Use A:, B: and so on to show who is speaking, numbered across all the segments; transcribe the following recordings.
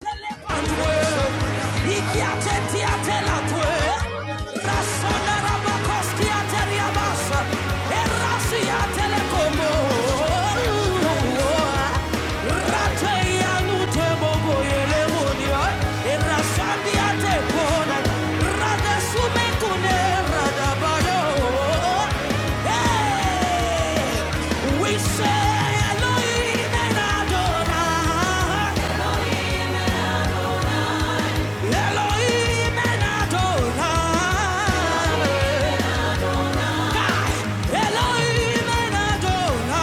A: Hey! We say Elohim and Adonai. Elohim and Adonai. Elohim and Adonai.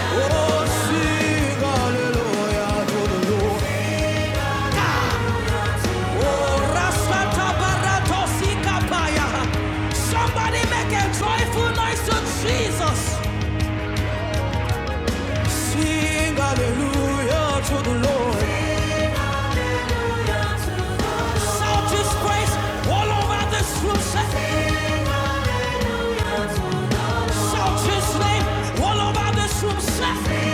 A: Oh, sing hallelujah to the Lord. Oh, Rasfata Barato Sikapaya. Somebody make a joyful noise to Jesus. Sing hallelujah to the Lord. Shout His praise all over this room, sir. Shout His name all over this room, sir.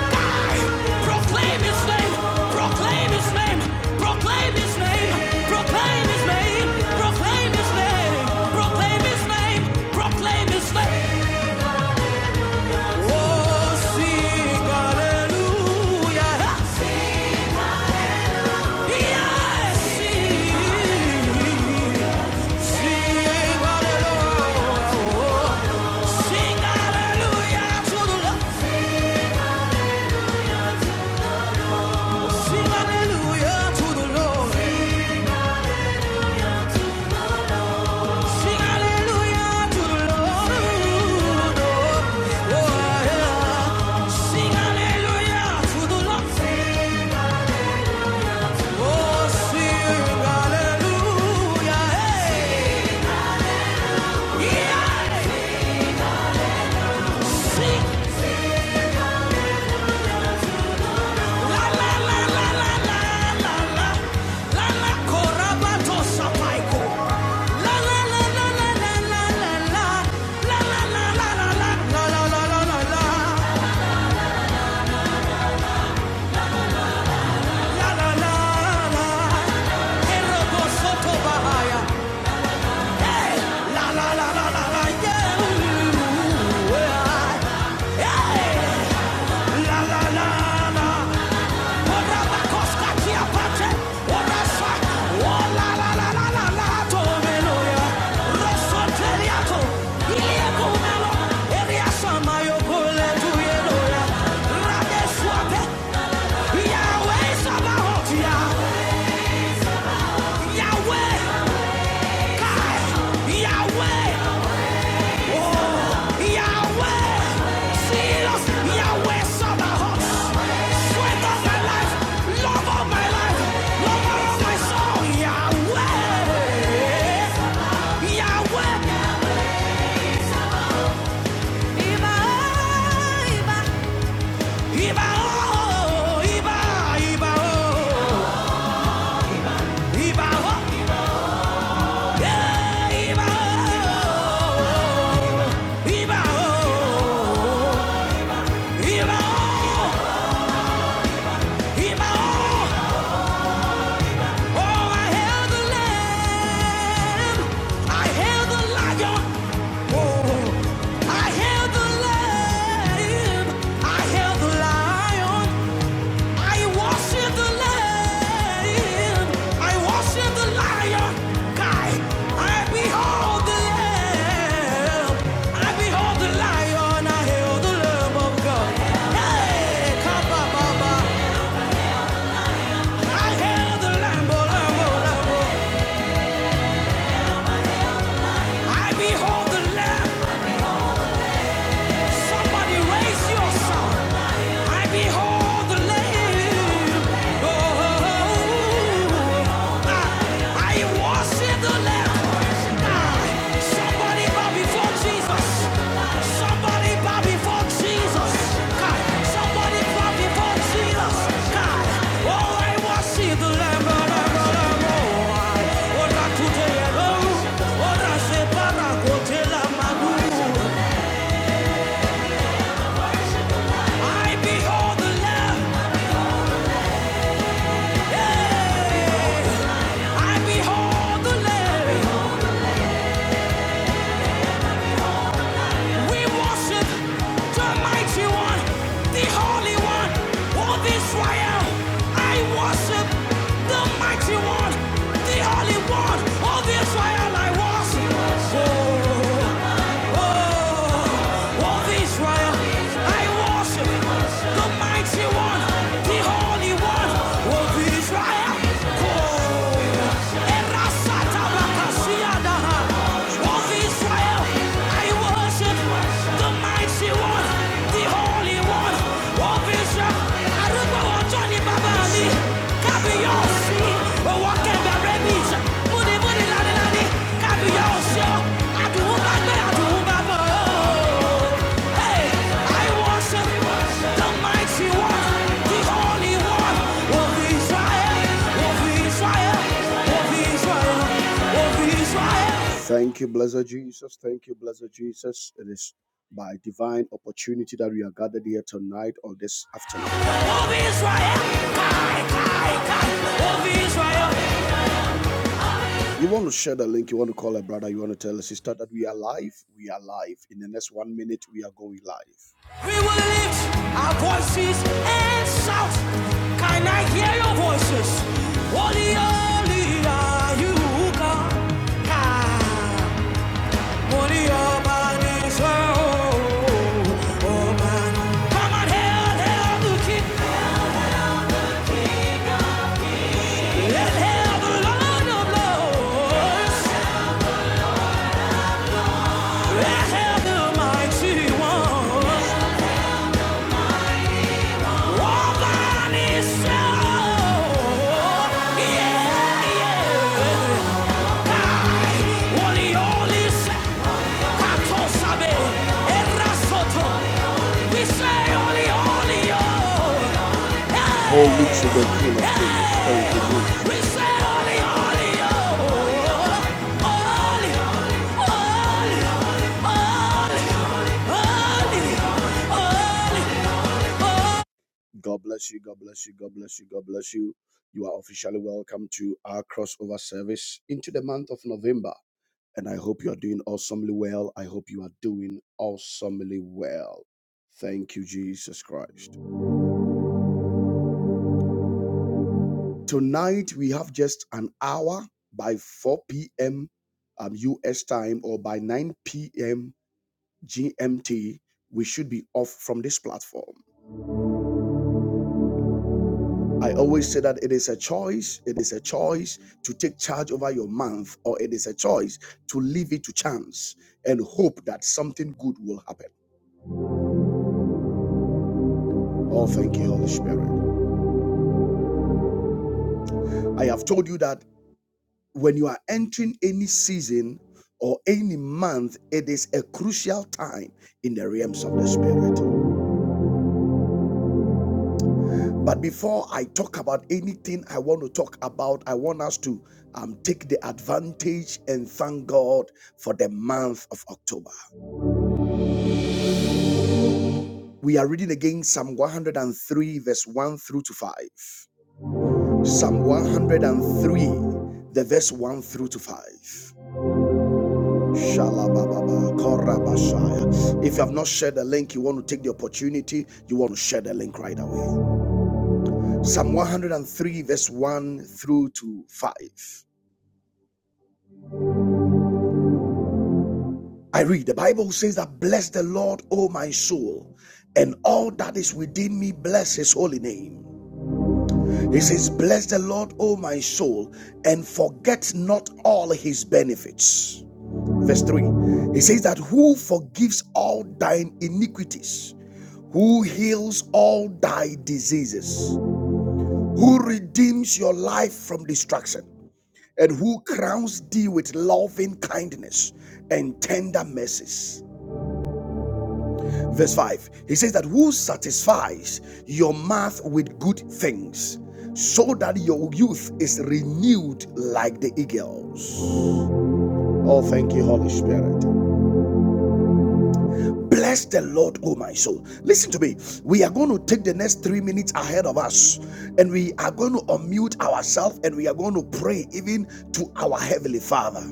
A: Die! Proclaim His name, proclaim His name, proclaim His name, proclaim His name, proclaim His name, proclaim His name, proclaim His name. Oh, sing hallelujah! Yes, sing. Sing! Hey, La la la la la la, yeah. Hey! La la la la. Oraba koska tia pate. Orasa. O la la la la la la. To meloya. Rosso teliato. kumelo. Eria sama yo kule tu Rade swape. Yahweh Sabaoth, Yah- Yahweh Yahweh Yahweh, see us. Yahweh, saw the heart. Sweat of my life, love of my life, lover of my soul. Yahweh, Yahweh. Iba, Iba, Iba, oh, Iba, Iba, oh, Iba, oh, yeah, Iba, oh, Iba, oh, Iba, oh, Iba, oh. Oh, I hail the Lamb. I hail the Lion. Oh, I hail the Lamb. I hail the Lion. I worship the Lamb. I worship the Lion. Guy, I behold the Lamb. I behold the Lion. I hail the Lamb of God. Hey, come I hail the Lamb, oh, Lamb, oh, Lamb. I behold the Lamb Somebody raise your hand. I behold the lamb. Oh, I I worship the lamb. Somebody bow before Jesus. Somebody bow before Jesus. Somebody bow before Jesus. God, oh I worship the lamb. Oh, oh, oh, oh. I behold the Lamb. Yeah. I behold the Lamb. We worship the mighty one, the holy one all Israel. I worship the mighty one, the holy one of Israel. I worship. Oh. Oh, of Israel, I worship the mighty one, the holy one of Israel. Oh, Erasata Bakasiadaha. Of Israel, I worship the mighty one, the holy one of Israel. I don't know Johnny bàbá mi kábíyọ̀sí owó kẹgbẹ́ rẹ́bìs múnimúni lánìlánì kábíyọ̀sí ọ́ àdùnún bá gbé àdùnún bá bọ̀ ọ́. Hey, I worship the mighty one, the holy one of Israel, of Israel, of Israel, of Israel. Thank you, blessed Jesus. Thank you, blessed Jesus. It is by divine opportunity that we are gathered here tonight or this afternoon. You want to share the link, you want to call a brother, you want to tell a sister that we are live, we are live. In the next one minute, we are going live. We will lift our voices and shout. Can I hear your voices? Holy, holy are you, God. Ah, Holy, Almighty, so, oh, man. Come on, hail, hail the King. Let's have the Lord of Lords. Let's the mighty one. Walk on his soul. Yeah, yeah. I only Katosabe, Erasoto. We say only, only, oh. Holy to We say only, only, oh. Only, only. God bless you. God bless you. God bless you. God bless you. You are officially welcome to our crossover service into the month of November. And I hope you are doing awesomely well. I hope you are doing awesomely well. Thank you, Jesus Christ. Tonight, we have just an hour by 4 p.m. Um, US time or by 9 p.m. GMT. We should be off from this platform. I always say that it is a choice. It is a choice to take charge over your month, or it is a choice to leave it to chance and hope that something good will happen. Oh, thank you, Holy Spirit. I have told you that when you are entering any season or any month, it is a crucial time in the realms of the Spirit. But before I talk about anything I want to talk about, I want us to um, take the advantage and thank God for the month of October. We are reading again Psalm 103, verse 1 through to 5. Psalm 103, the verse 1 through to 5. If you have not shared the link, you want to take the opportunity, you want to share the link right away. Psalm 103, verse 1 through to 5. I read, the Bible says that, Bless the Lord, O my soul, and all that is within me, bless his holy name. He says, Bless the Lord, O my soul, and forget not all his benefits. Verse 3. He says that who forgives all thine iniquities, who heals all thy diseases, who redeems your life from destruction, and who crowns thee with loving kindness and tender mercies Verse 5, he says that who satisfies your mouth with good things so that your youth is renewed like the eagles. Oh, thank you, Holy Spirit. Bless the Lord, oh my soul. Listen to me. We are going to take the next three minutes ahead of us and we are going to unmute ourselves and we are going to pray even to our Heavenly Father.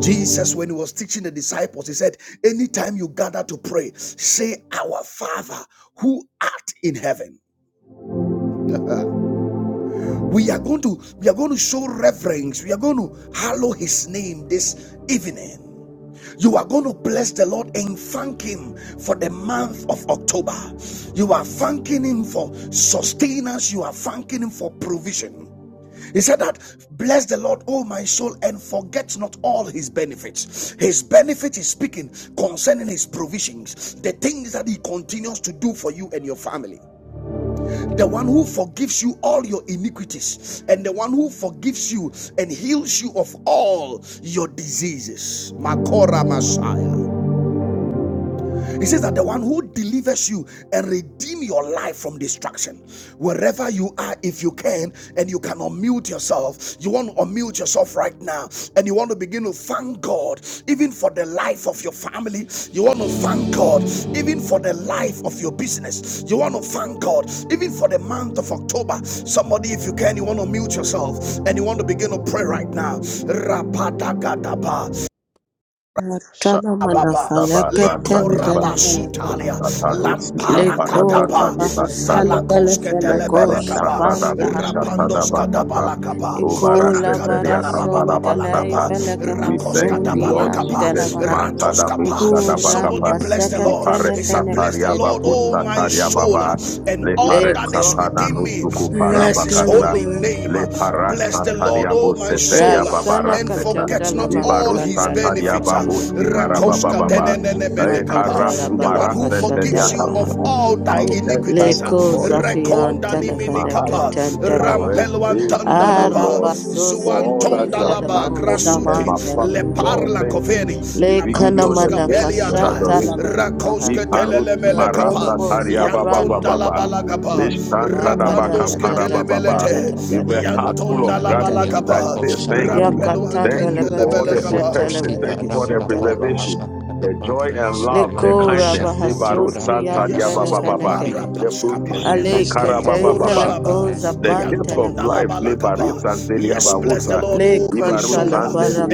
A: Jesus, when he was teaching the disciples, he said, Anytime you gather to pray, say, Our Father who art in heaven Uh, we are going to we are going to show reverence. We are going to hallow his name this evening. You are going to bless the Lord and thank Him for the month of October. You are thanking Him for sustenance. You are thanking Him for provision. He said that, Bless the Lord, O my soul, and forget not all his benefits. His benefit is speaking concerning his provisions, the things that he continues to do for you and your family the one who forgives you all your iniquities, and the one who forgives you and heals you of all your diseases. Makora Messiah. He says that the one who delivers you and redeem your life from destruction, wherever you are, if you can, and you can unmute yourself, you want to unmute yourself right now, and you want to begin to thank God, even for the life of your family. You want to thank God, even for the life of your business. You want to thank God, even for the month of October. Somebody, if you can, you want to mute yourself, and you want to begin to pray right now. Rapadakadaba,
B: Matana mana
A: Baba
C: Shatadaba,
B: falaka
C: Rantadiaba,
B: tendele
A: Likoraba
B: veleka ha.
A: Sutalia
C: Satadu, Sika,
A: Lampara
B: Lekora
C: Paratata,
A: Katapa
C: Diba, Tata,
B: bahazandele
A: Salakoske
C: Le
B: veleko
A: Telebele Kapa
C: Parasata,
B: shapanda
C: Dabu,
B: ha.
A: Rapandos
C: Shatadaba, Tata,
A: Katabala Kapa
B: Ikola
C: Ubarasete,
A: Rakandala
B: barason
A: Baba Bala
B: delei
A: Kapa
B: veleke
C: we thank
A: Rakoska
B: mason
C: you, Lord
A: Tabala Kapa
B: diandele
C: Jesus.
B: vaha.
C: Manta
A: Ratos
C: da
A: Kapa
C: busha da
A: Somebody
C: bakapa.
B: Uramba
A: bless the
C: We
A: Lord.
B: sekatene
A: He
C: paresta
A: said,
B: feneke
A: Bless the
C: paria
A: Lord,
B: dedede
A: oh
C: babusa
B: vaha.
A: my
C: taria
A: soul,
C: baba.
A: and
C: Le
A: all that
C: paresta
A: is
B: Leko
C: pada
A: within me.
C: nusuku para
A: Bless his
B: ratele
C: bakasa.
A: holy
B: veleko.
A: name.
C: Le
A: Bless
C: parasta
A: the Lord,
C: taria
A: oh my
C: busetelia
A: soul,
C: baba
B: Rasala
A: and
C: rasteta.
A: forget
B: katandala
A: not all
B: valaka
C: Ibarus
A: his
B: dala
C: santaria
A: benefits.
B: valaka ha.
C: babu
A: Kapa,
C: sikara baba
A: Rakoska
C: baba. E
A: Tenenene Kapa,
B: Makatala
C: karasu
A: the one who
B: valaka
C: marastentelia
A: forgives you
B: shatala
A: of
C: kapuna.
A: all
C: I
A: thy
C: will enter
A: iniquities,
C: your
B: Leko
C: court with
B: Zafian
A: Rekonda
C: thanksgiving in my
A: Nimini
C: heart.
B: Telefaneka
A: Kapa,
B: Ten
C: I will
B: Televaha
A: Rampelwan
C: praise you, O
A: Tandalaba,
C: Lord,
B: Arapasos
C: for
A: Zuan
C: all that
B: Kete
C: you have
A: Tondalaba,
C: done
B: Falako
C: for me and
A: Grasute,
B: Shaman
C: my family.
B: Televaha
C: Lord,
A: Leparla
C: thank you.
A: Coveni,
C: We give you all
A: Lamantos
C: the
B: Lekanamana
C: praise and
B: Kasha
A: Capeliata,
C: adoration.
B: Talabalakaha
A: Rakoska
C: Ikarusi
A: Telelemele Kapa,
C: marasa
B: Yatolobos
C: taria ba ba
B: Kapran
C: ba ba ba.
A: Yantondalabala
B: Talabaha
A: Kapa,
C: Lishanta da
B: Makata
C: baka
A: Rapandos
B: da da
C: para
B: da
C: ba
B: da
C: ba
B: da da
A: Ketelemelete,
B: da da
C: With
B: da
C: a heart full of
B: da da
C: gratitude,
A: Yantondalabala
B: da da
C: I
A: Kapa,
C: say thank you.
A: Rampeluan
B: Yakatan
C: Thank you for
B: Delebele
C: all
A: Tendelebele
C: the
B: Kasha
A: Kapa.
C: protection.
B: Telebele
C: Thank you for
B: Kasha
C: the
D: Randa
B: Televaha
C: preservation,
D: Farosha
C: the joy
D: Catabrande,
C: and love, the
B: Leko
D: Elacosha
C: kindness. Libaru
B: Rabahasos
D: Catibrande
C: Santa
B: Kian
C: Dia
A: Yes,
C: ba
D: Farasca
A: Lord. Mara
B: Telefaneka
D: Padiata,
C: The
A: Pashkapa.
C: provision.
D: Elacasca
B: Alekete
C: Le
B: vela
D: Farosha
A: Ikorababa.
B: koza
C: the gift of
A: Yantonda
B: pantenevaha.
C: life, Lebari
A: Labalakapa.
C: Santelia
A: Yes, bless the
C: Bahusa,
A: Lord, oh my
C: Ibaru
B: Lekata la
A: soul.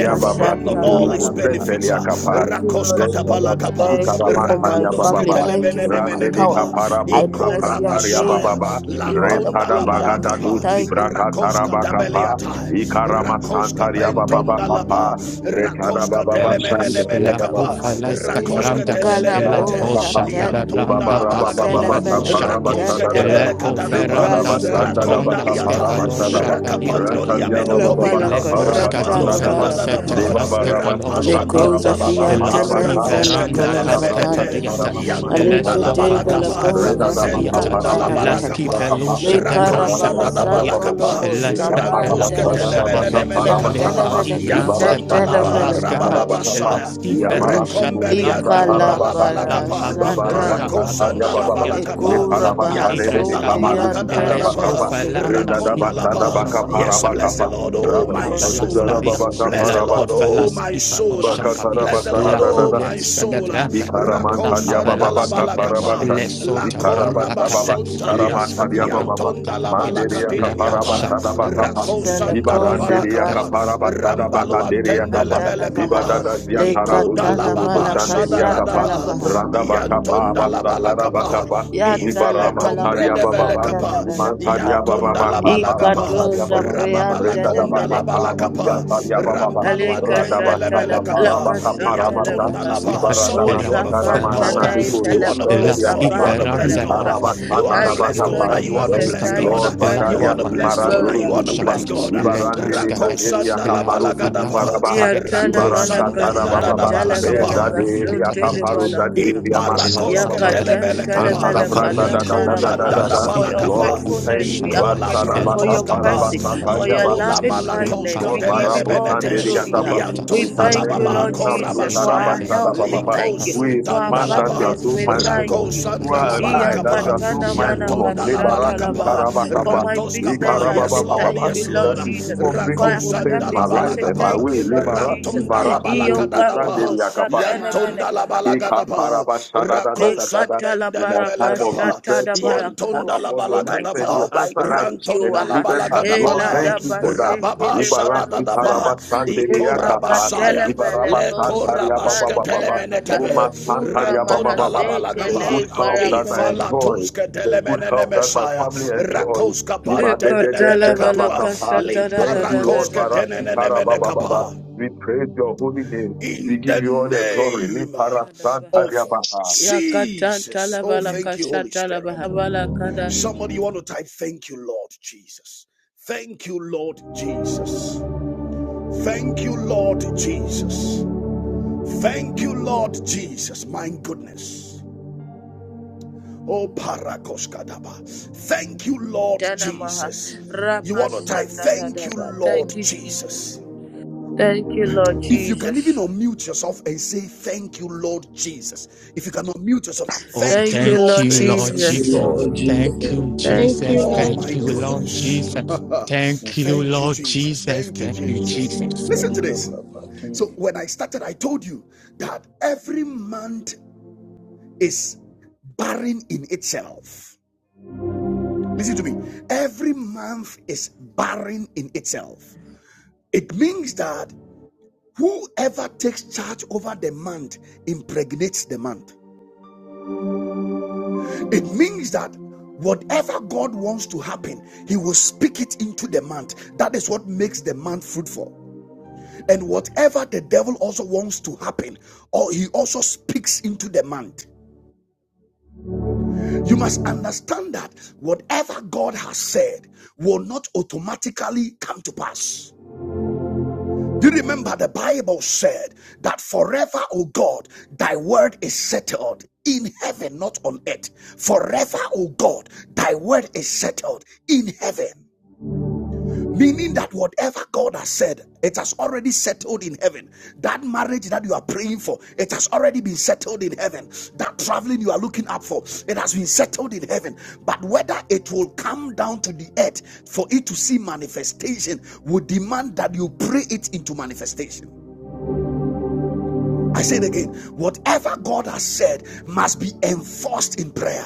A: And
C: Baba
A: forget not
B: la
A: all
C: Sukuru
A: his
B: balakaha.
A: benefits.
C: Busetelia Kapa,
B: Thank you, Lord
A: Rakoska
C: Rentada
B: Jesus.
A: Tabalakapa.
B: Thank you
C: Basukarama
B: for my
C: Taria
A: Rakandos
C: Baba,
B: family. Thank you for
C: Rande
B: my
C: Randede
B: health.
C: Kapara
A: Ketelebenenemenekapa.
B: I bless
C: Busapa
B: your
C: Taria
A: Ikorabashaya.
B: name. I
C: Baba,
B: give you all the
A: Lantonda
C: Rentada
B: praise.
C: Bagada Dus
A: Labalakapa.
B: Thank you.
C: Libraka
A: Rakoska
C: Tarabakapa,
A: Tabeliata.
C: Ikarama
A: Rakoska
C: Santaria Baba
A: Pentonda Lapa.
C: Papa, Retada
A: Rakoska
C: Baba
D: Branda,
C: Shandaria
A: Telemenenemenekapa.
C: Baba,
D: Elacofa Lesca
C: Renada
A: Rakoska
D: Branda,
C: Baba Sukara
B: Kalapo
A: Telelebelete
D: Elacosha
C: Baba,
B: shaten
A: liantonda
D: Catabranda
A: la
C: Libaba
D: Tasci
C: Baba
A: balakapa
C: Baba
B: telefele
D: Felusha,
A: rakoska
B: katen
C: Kapara
A: debele
B: telebaha.
D: Eleco
A: katanaba
D: Ferranda
B: Rasaka.
A: rakonda
D: Scatranda
A: liata
C: Ritarabasandadabakaparabasandaba.
D: Scefadosha
A: rakapando liameno kopila
B: Lavalaka
D: Leposka di
A: rapandos
C: Rantaryababababakaparabasandadaba.
D: fela
B: shata
D: sete
A: kadanaba
D: fraske fado
A: rampalo
B: Le cosa
D: shaliata.
A: antonda laba
B: fianta
D: Elaski
C: Debabarabasakatarababakaparabasa.
B: neve le
A: rakoska
D: feranda
B: cosa
D: kaske
A: telelebelete
B: pande,
D: fadiata.
B: le
A: yantonda la
D: Elesko
B: coteve
C: Intadabradusitarabababasitarabababa.
B: le
D: falaska
A: balakapa
D: fala
B: cosa
D: kadiata.
A: zentonda
B: fianta
A: la
B: neve,
D: Eleski
A: balakapa
C: Redadabakaparamasandarababa.
B: le
D: felusha devranda
A: rakosa
B: carabaha santo
D: kapadiata.
C: Ibarasandarabababa.
A: dadabalakapa
B: lobos
D: Eleske fela
B: camante
A: rantoska
D: kosha
B: leva,
D: deve.
A: telemenenemenekapa
D: Eleka
C: Utaparabasandadabakaparabasandaba.
B: yateneve le
D: di franske
B: cassette
A: yantonda
B: leve
A: laba
D: fahanda
B: le
D: skefe.
B: caha,
C: Ibarasandarabasitarabakapa.
A: rabababashaya
D: Elaski felusha
B: li
D: devranda
A: rekombeliantonda
D: kapa.
A: laba
C: Yamarasutududusatarabakapa.
D: La
B: calabara
A: balakapa
D: kabila skapa
B: satalabaha,
A: rakosanda
D: dosha
A: la
C: Ribabarabasantariabababa.
B: e
D: diata.
A: balakapa
B: cura
D: La
B: baha
C: Reparabashadede
A: yantonda
D: kadivreska.
A: la
B: sunti
C: Kamarusi
A: balakada da da
B: anteneve
D: Elesko
A: ba
C: Karabakapa,
B: le cahe,
D: falanda
A: rakonda la
D: skipa
C: Redadabasada
A: ba
D: dosha
A: yes
D: kadiata.
A: bless the
C: Bakaparabakapa,
A: lord
D: La
A: oh my soul
C: Rababashida
D: Pavelaskadia,
C: Rababaka
A: bless
D: La
A: the
C: Paraba,
A: lord oh my
D: Pofelaskifa no
A: soul
D: Shakadia,
A: bless the lord
D: La
A: oh
C: Bakatarabasada
D: Pole
A: my soul
D: Celebranda,
C: Ikaraman
D: La
A: rakosanda la
C: Tadiababa
D: Pavelaskape,
A: balakapa
C: Taparabata,
D: Le
A: la
D: Sotavranda
C: Ikarabata Baba
D: Cape, Le
A: korabasontalia
C: Sikaraman
D: Scofaranda
C: Tadiababa,
A: yantonda la
D: Capalia,
C: Manderia
D: La
A: balakadiniata
C: Kaparabasada
D: Coshakape,
C: Bakapa,
B: le
A: rakosanda la
B: cosa
C: Ibaranderia
B: pante
D: Le
A: balakapa
C: Kaparabasada
A: rambalo
C: Batanderia
A: antende
C: Kapa,
A: lebele
B: leva,
A: kapa
C: Ibadada
B: le
A: iko la
B: catalava
C: Ziatarabuzukurubu
A: baba
B: la
A: shada
C: Chanderia
A: da
C: Kapa,
A: Radaba,
C: Randa Bakapa
A: Yantonda
C: Abasatara
A: Labalakapa,
C: Bakapa,
B: Yatala
A: Ifele
C: Ibaraman
A: Tombre
B: balaka
A: de
C: Tadiababa,
B: satala
A: Belekapa,
C: Iman
B: velakaha.
A: Yantonda
C: Tadiababa Kaparaman
A: Labalakapa,
B: Ikatoza
C: Tadiababa,
B: brianta
C: Renda
A: Rababalakonda
C: Bakapa
B: nevenekaha.
C: Abasian
A: Labalakapa,
C: Tadiababa,
A: Rampalo
B: Alika
A: Antende
C: Radabasa
B: shatala
A: Lebelekapa,
B: balaka
C: Parabaka
B: shatala
C: Parabata,
D: Ela
A: Yantonda
B: vaha.
A: Laba.
C: Ibaralana
A: Somebody you want
B: Oza
A: to thank God,
C: Karamanana
B: fantanai
C: Nukuru
A: you want to bless
C: Sekeria
B: felakoza
A: God, you
C: Kapa,
A: want to bless
B: bandala
A: God,
B: vaha.
A: you want to
B: Thank
A: bless
B: you, Lord
C: Ikarabatatadabasapa.
A: God, you want to
B: Jesus.
C: Thank
A: bless
C: you,
B: Thank
A: God,
B: you,
C: Lord.
A: you
B: precious
A: want
C: Badaria
A: to
B: Holy
A: bless God,
C: Simaranduru
A: you
B: Spirit.
A: want to
C: Sukupa,
A: bless God,
C: Ibarande de Kanderia
A: Rakosanda la
C: Kaparu
A: Labalagadaba,
C: Sukuparabaha,
B: Yatana
C: Ibarasta
A: Rakosanda
B: Malaka
A: da da da
B: Shah
C: Tarababa,
A: Dadadabalakapa.
B: Televeleka
C: Ezaderia Kaparu
B: Sutilibalakaha.
C: Zaderia Masamba
A: Imparakoske
C: Baba,
B: Yakatan
A: telemele kapa.
C: Inkantara
B: Televeleka
C: Braza da da da da da
B: Dandalabaha.
A: Likondanda
D: La
C: da
A: da
C: da.
B: For
A: bala
B: your
D: skifa
C: Lord,
A: kapa.
D: lampa
C: we thank
B: faithfulness,
D: kosha
C: you.
B: we are
D: da be,
A: Ikola
B: grateful.
D: la
B: For
C: Rasalabasa
A: brantos
B: your
D: kate
A: kapa.
B: mercy,
C: Parabasa
D: da la
B: for your
C: Tajaba.
A: Ikola
D: kabita,
B: loving
C: We
D: la
C: thank you,
B: kindness,
A: malakoska
C: Lord.
B: we give
A: telele
B: you
D: kafaraska da
B: all the
A: menete.
D: dosha
C: Barabusanderia
B: glory.
D: kabita,
B: We
C: we
A: Liantonda
C: can't
D: la
A: la
B: thank
C: thank
B: you,
C: you
A: baba
D: kuma
B: Lord
C: enough. Look,
B: Jesus,
D: skabia,
B: for
A: korabasaya.
B: our
D: la
C: Sada,
B: health. We
C: Baba,
B: thank
D: kafarasta
B: you.
C: We,
B: For
D: skifa
B: our
A: Likosuntanda
C: man,
D: dosha
A: la
C: that you are
A: ba.
B: families,
C: so
B: we
D: la
C: mindful of.
B: thank you.
D: kofa la
A: Rakosanda la
C: Well,
D: kaskifa
A: bala
C: I,
D: da
C: that you
A: kapa.
C: are
D: kabia.
C: so
B: Iyakatana
C: mindful of.
A: Iantonda la bala
B: manakashata
C: Lebarasi,
A: kapa.
B: labaha.
C: Karaba,
B: For
C: Kapa,
B: my
A: Rantos kapa.
B: business, I
A: Yes
B: say
A: Lord,
B: thank you,
A: yes
B: Lord
A: Lord.
C: That you
B: Jesus.
C: keep on
B: For
C: bringing good things in
A: Rakosanda la
C: my
B: academics, I
A: bala
C: life
B: say
C: and my
A: kapa.
C: way.
B: thank you, Lord
C: Lebarasi,
B: Jesus.
A: Rantonda la
C: Barasi,
A: bala kada
C: Kurubu,
A: da ba.
B: Iyokarobo
A: Gadapa,
C: Sande,
B: shatana
A: Yantonda la
B: venekaha.
A: Balagadapa, Rako
C: Ikaparabashadadadadadada. In our
A: Sandendelebele
C: time of
A: Kapa,
C: distress, Lord, we call
A: Yantonda la
C: upon
B: For
C: your
B: my
C: name and you
A: Balagadapa,
B: job, I
C: answer us
B: thank you.
C: and
A: Rantonda la
B: Aha.
C: deliver us. Lord,
B: Ela
A: Balagadapala,
B: da
C: thank you for that.
B: baseke
A: Rababa Sadadadapa,
B: palosaha. Le
C: Ibaraftikarabashandeliakapa.
A: Ikorabasaya,
B: makatele vele
C: Ibarabasantariababababa.
B: shaprantele
A: Lekorabasketelemene,
B: vaha. Ura
A: Rantonda la
C: Umasantariababababa.
B: mahaseke
C: The
A: Balagapa,
B: le
C: good health that I
B: barakaha.
C: enjoy,
A: Ifalatuske
C: the good
A: Telemene
C: health that my
A: Messiah,
C: family enjoys.
A: Rakoska
B: tala da da da da da da
A: Pantenemene
B: da
A: Katua,
C: Ibadededeshedabakapa. Thank you,
B: da da
C: Lord.
A: Limparakoske
B: da
A: Tenemene
C: Baraftikarababababa.
A: Kapa
C: We praise your holy name. We
A: in the
C: give you all the glory.
A: name
B: da baha
A: of
C: Liparasantariabaha.
B: Yakata
A: Jesus.
B: tala
A: Oh,
C: Amen.
A: thank you, Holy
B: balakashata la
A: Spirit.
B: baha balakada
A: Somebody, you want to type, Thank you, Lord Jesus. Thank you, Lord Jesus. Thank you, Lord Jesus. Thank you, Lord Jesus. My goodness. Oh, Parakoskadaba. Thank you, Lord
B: dana maha
A: Jesus. You want to type,
B: Rabashata da
A: Thank
B: da
A: you,
B: ba.
A: Lord
B: Thank you, Jesus.
A: Jesus.
B: Thank you, Lord
A: If you can even
B: Jesus.
A: unmute yourself and say, Thank you, Lord Jesus. If you can unmute yourself,
D: Oh,
A: Thank you,
B: Thank you,
D: thank
A: Lord
B: Lord
D: you,
C: Thank
D: Lord
E: Thank you,
C: you,
A: Jesus.
B: Jesus.
D: Jesus.
C: Lord.
E: Lord Jesus.
D: Thank you,
F: Thank
D: Jesus.
F: you,
G: Lord
A: Oh
F: Lord
A: my
D: Thank you,
F: Jesus.
G: Jesus.
D: Lord
A: goodness.
D: Jesus. Thank you,
A: Thank you,
D: Lord
A: Jesus.
D: Jesus.
A: Thank you,
D: Thank you,
A: Jesus.
D: Jesus.
A: Listen to this. So, when I started, I told you that every month is barren in itself. Listen to me. Every month is barren in itself. It means that whoever takes charge over the month impregnates the month. It means that whatever God wants to happen, He will speak it into the month. That is what makes the month fruitful. And whatever the devil also wants to happen, or he also speaks into the month. You must understand that whatever God has said will not automatically come to pass. Do you remember the Bible said that forever, O God, thy word is settled in heaven, not on earth. Forever, O God, thy word is settled in heaven. Meaning that whatever God has said, it has already settled in heaven. That marriage that you are praying for, it has already been settled in heaven. That traveling you are looking up for, it has been settled in heaven. But whether it will come down to the earth for it to see manifestation will demand that you pray it into manifestation. I say it again. Whatever God has said must be enforced in prayer.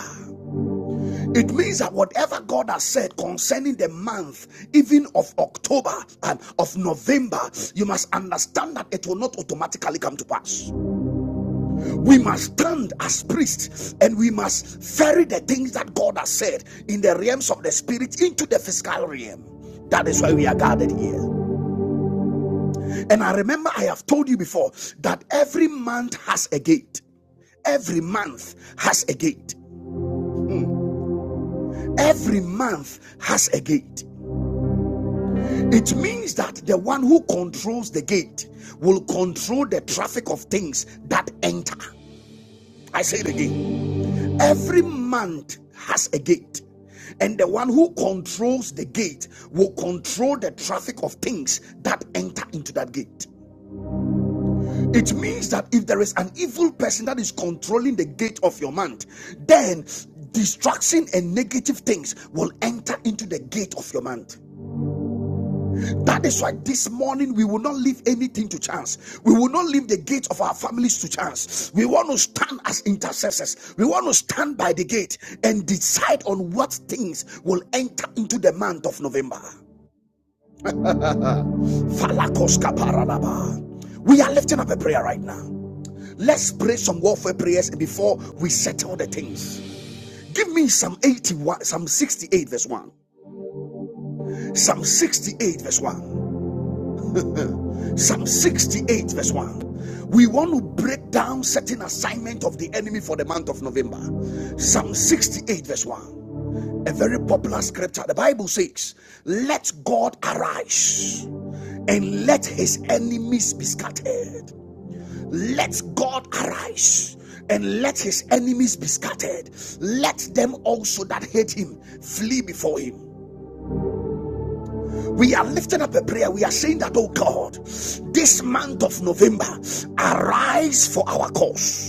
A: It means that whatever God has said concerning the month, even of October and of November, you must understand that it will not automatically come to pass. We must stand as priests and we must ferry the things that God has said in the realms of the spirit into the physical realm. That is why we are gathered here. And I remember I have told you before that every month has a gate. Every month has a gate. Every month has a gate. It means that the one who controls the gate will control the traffic of things that enter. I say it again. Every month has a gate. And the one who controls the gate will control the traffic of things that enter into that gate. It means that if there is an evil person that is controlling the gate of your month, then distraction and negative things will enter into the gate of your month. That is why this morning we will not leave anything to chance. We will not leave the gate of our families to chance. We want to stand as intercessors. We want to stand by the gate and decide on what things will enter into the month of November. Falakos kaparadaba. We are lifting up a prayer right now. Let's pray some warfare prayers before we settle the things. Give me some 81, some 68 verse 1. Some 68 verse 1. Some 68 verse 1. We want to break down certain assignment of the enemy for the month of November. Psalm 68 verse 1. A very popular scripture. The Bible says, Let God arise and let his enemies be scattered. Let God arise and let his enemies be scattered. Let them also that hate him flee before him. We are lifting up a prayer. We are saying that, oh God, this month of November, arise for our cause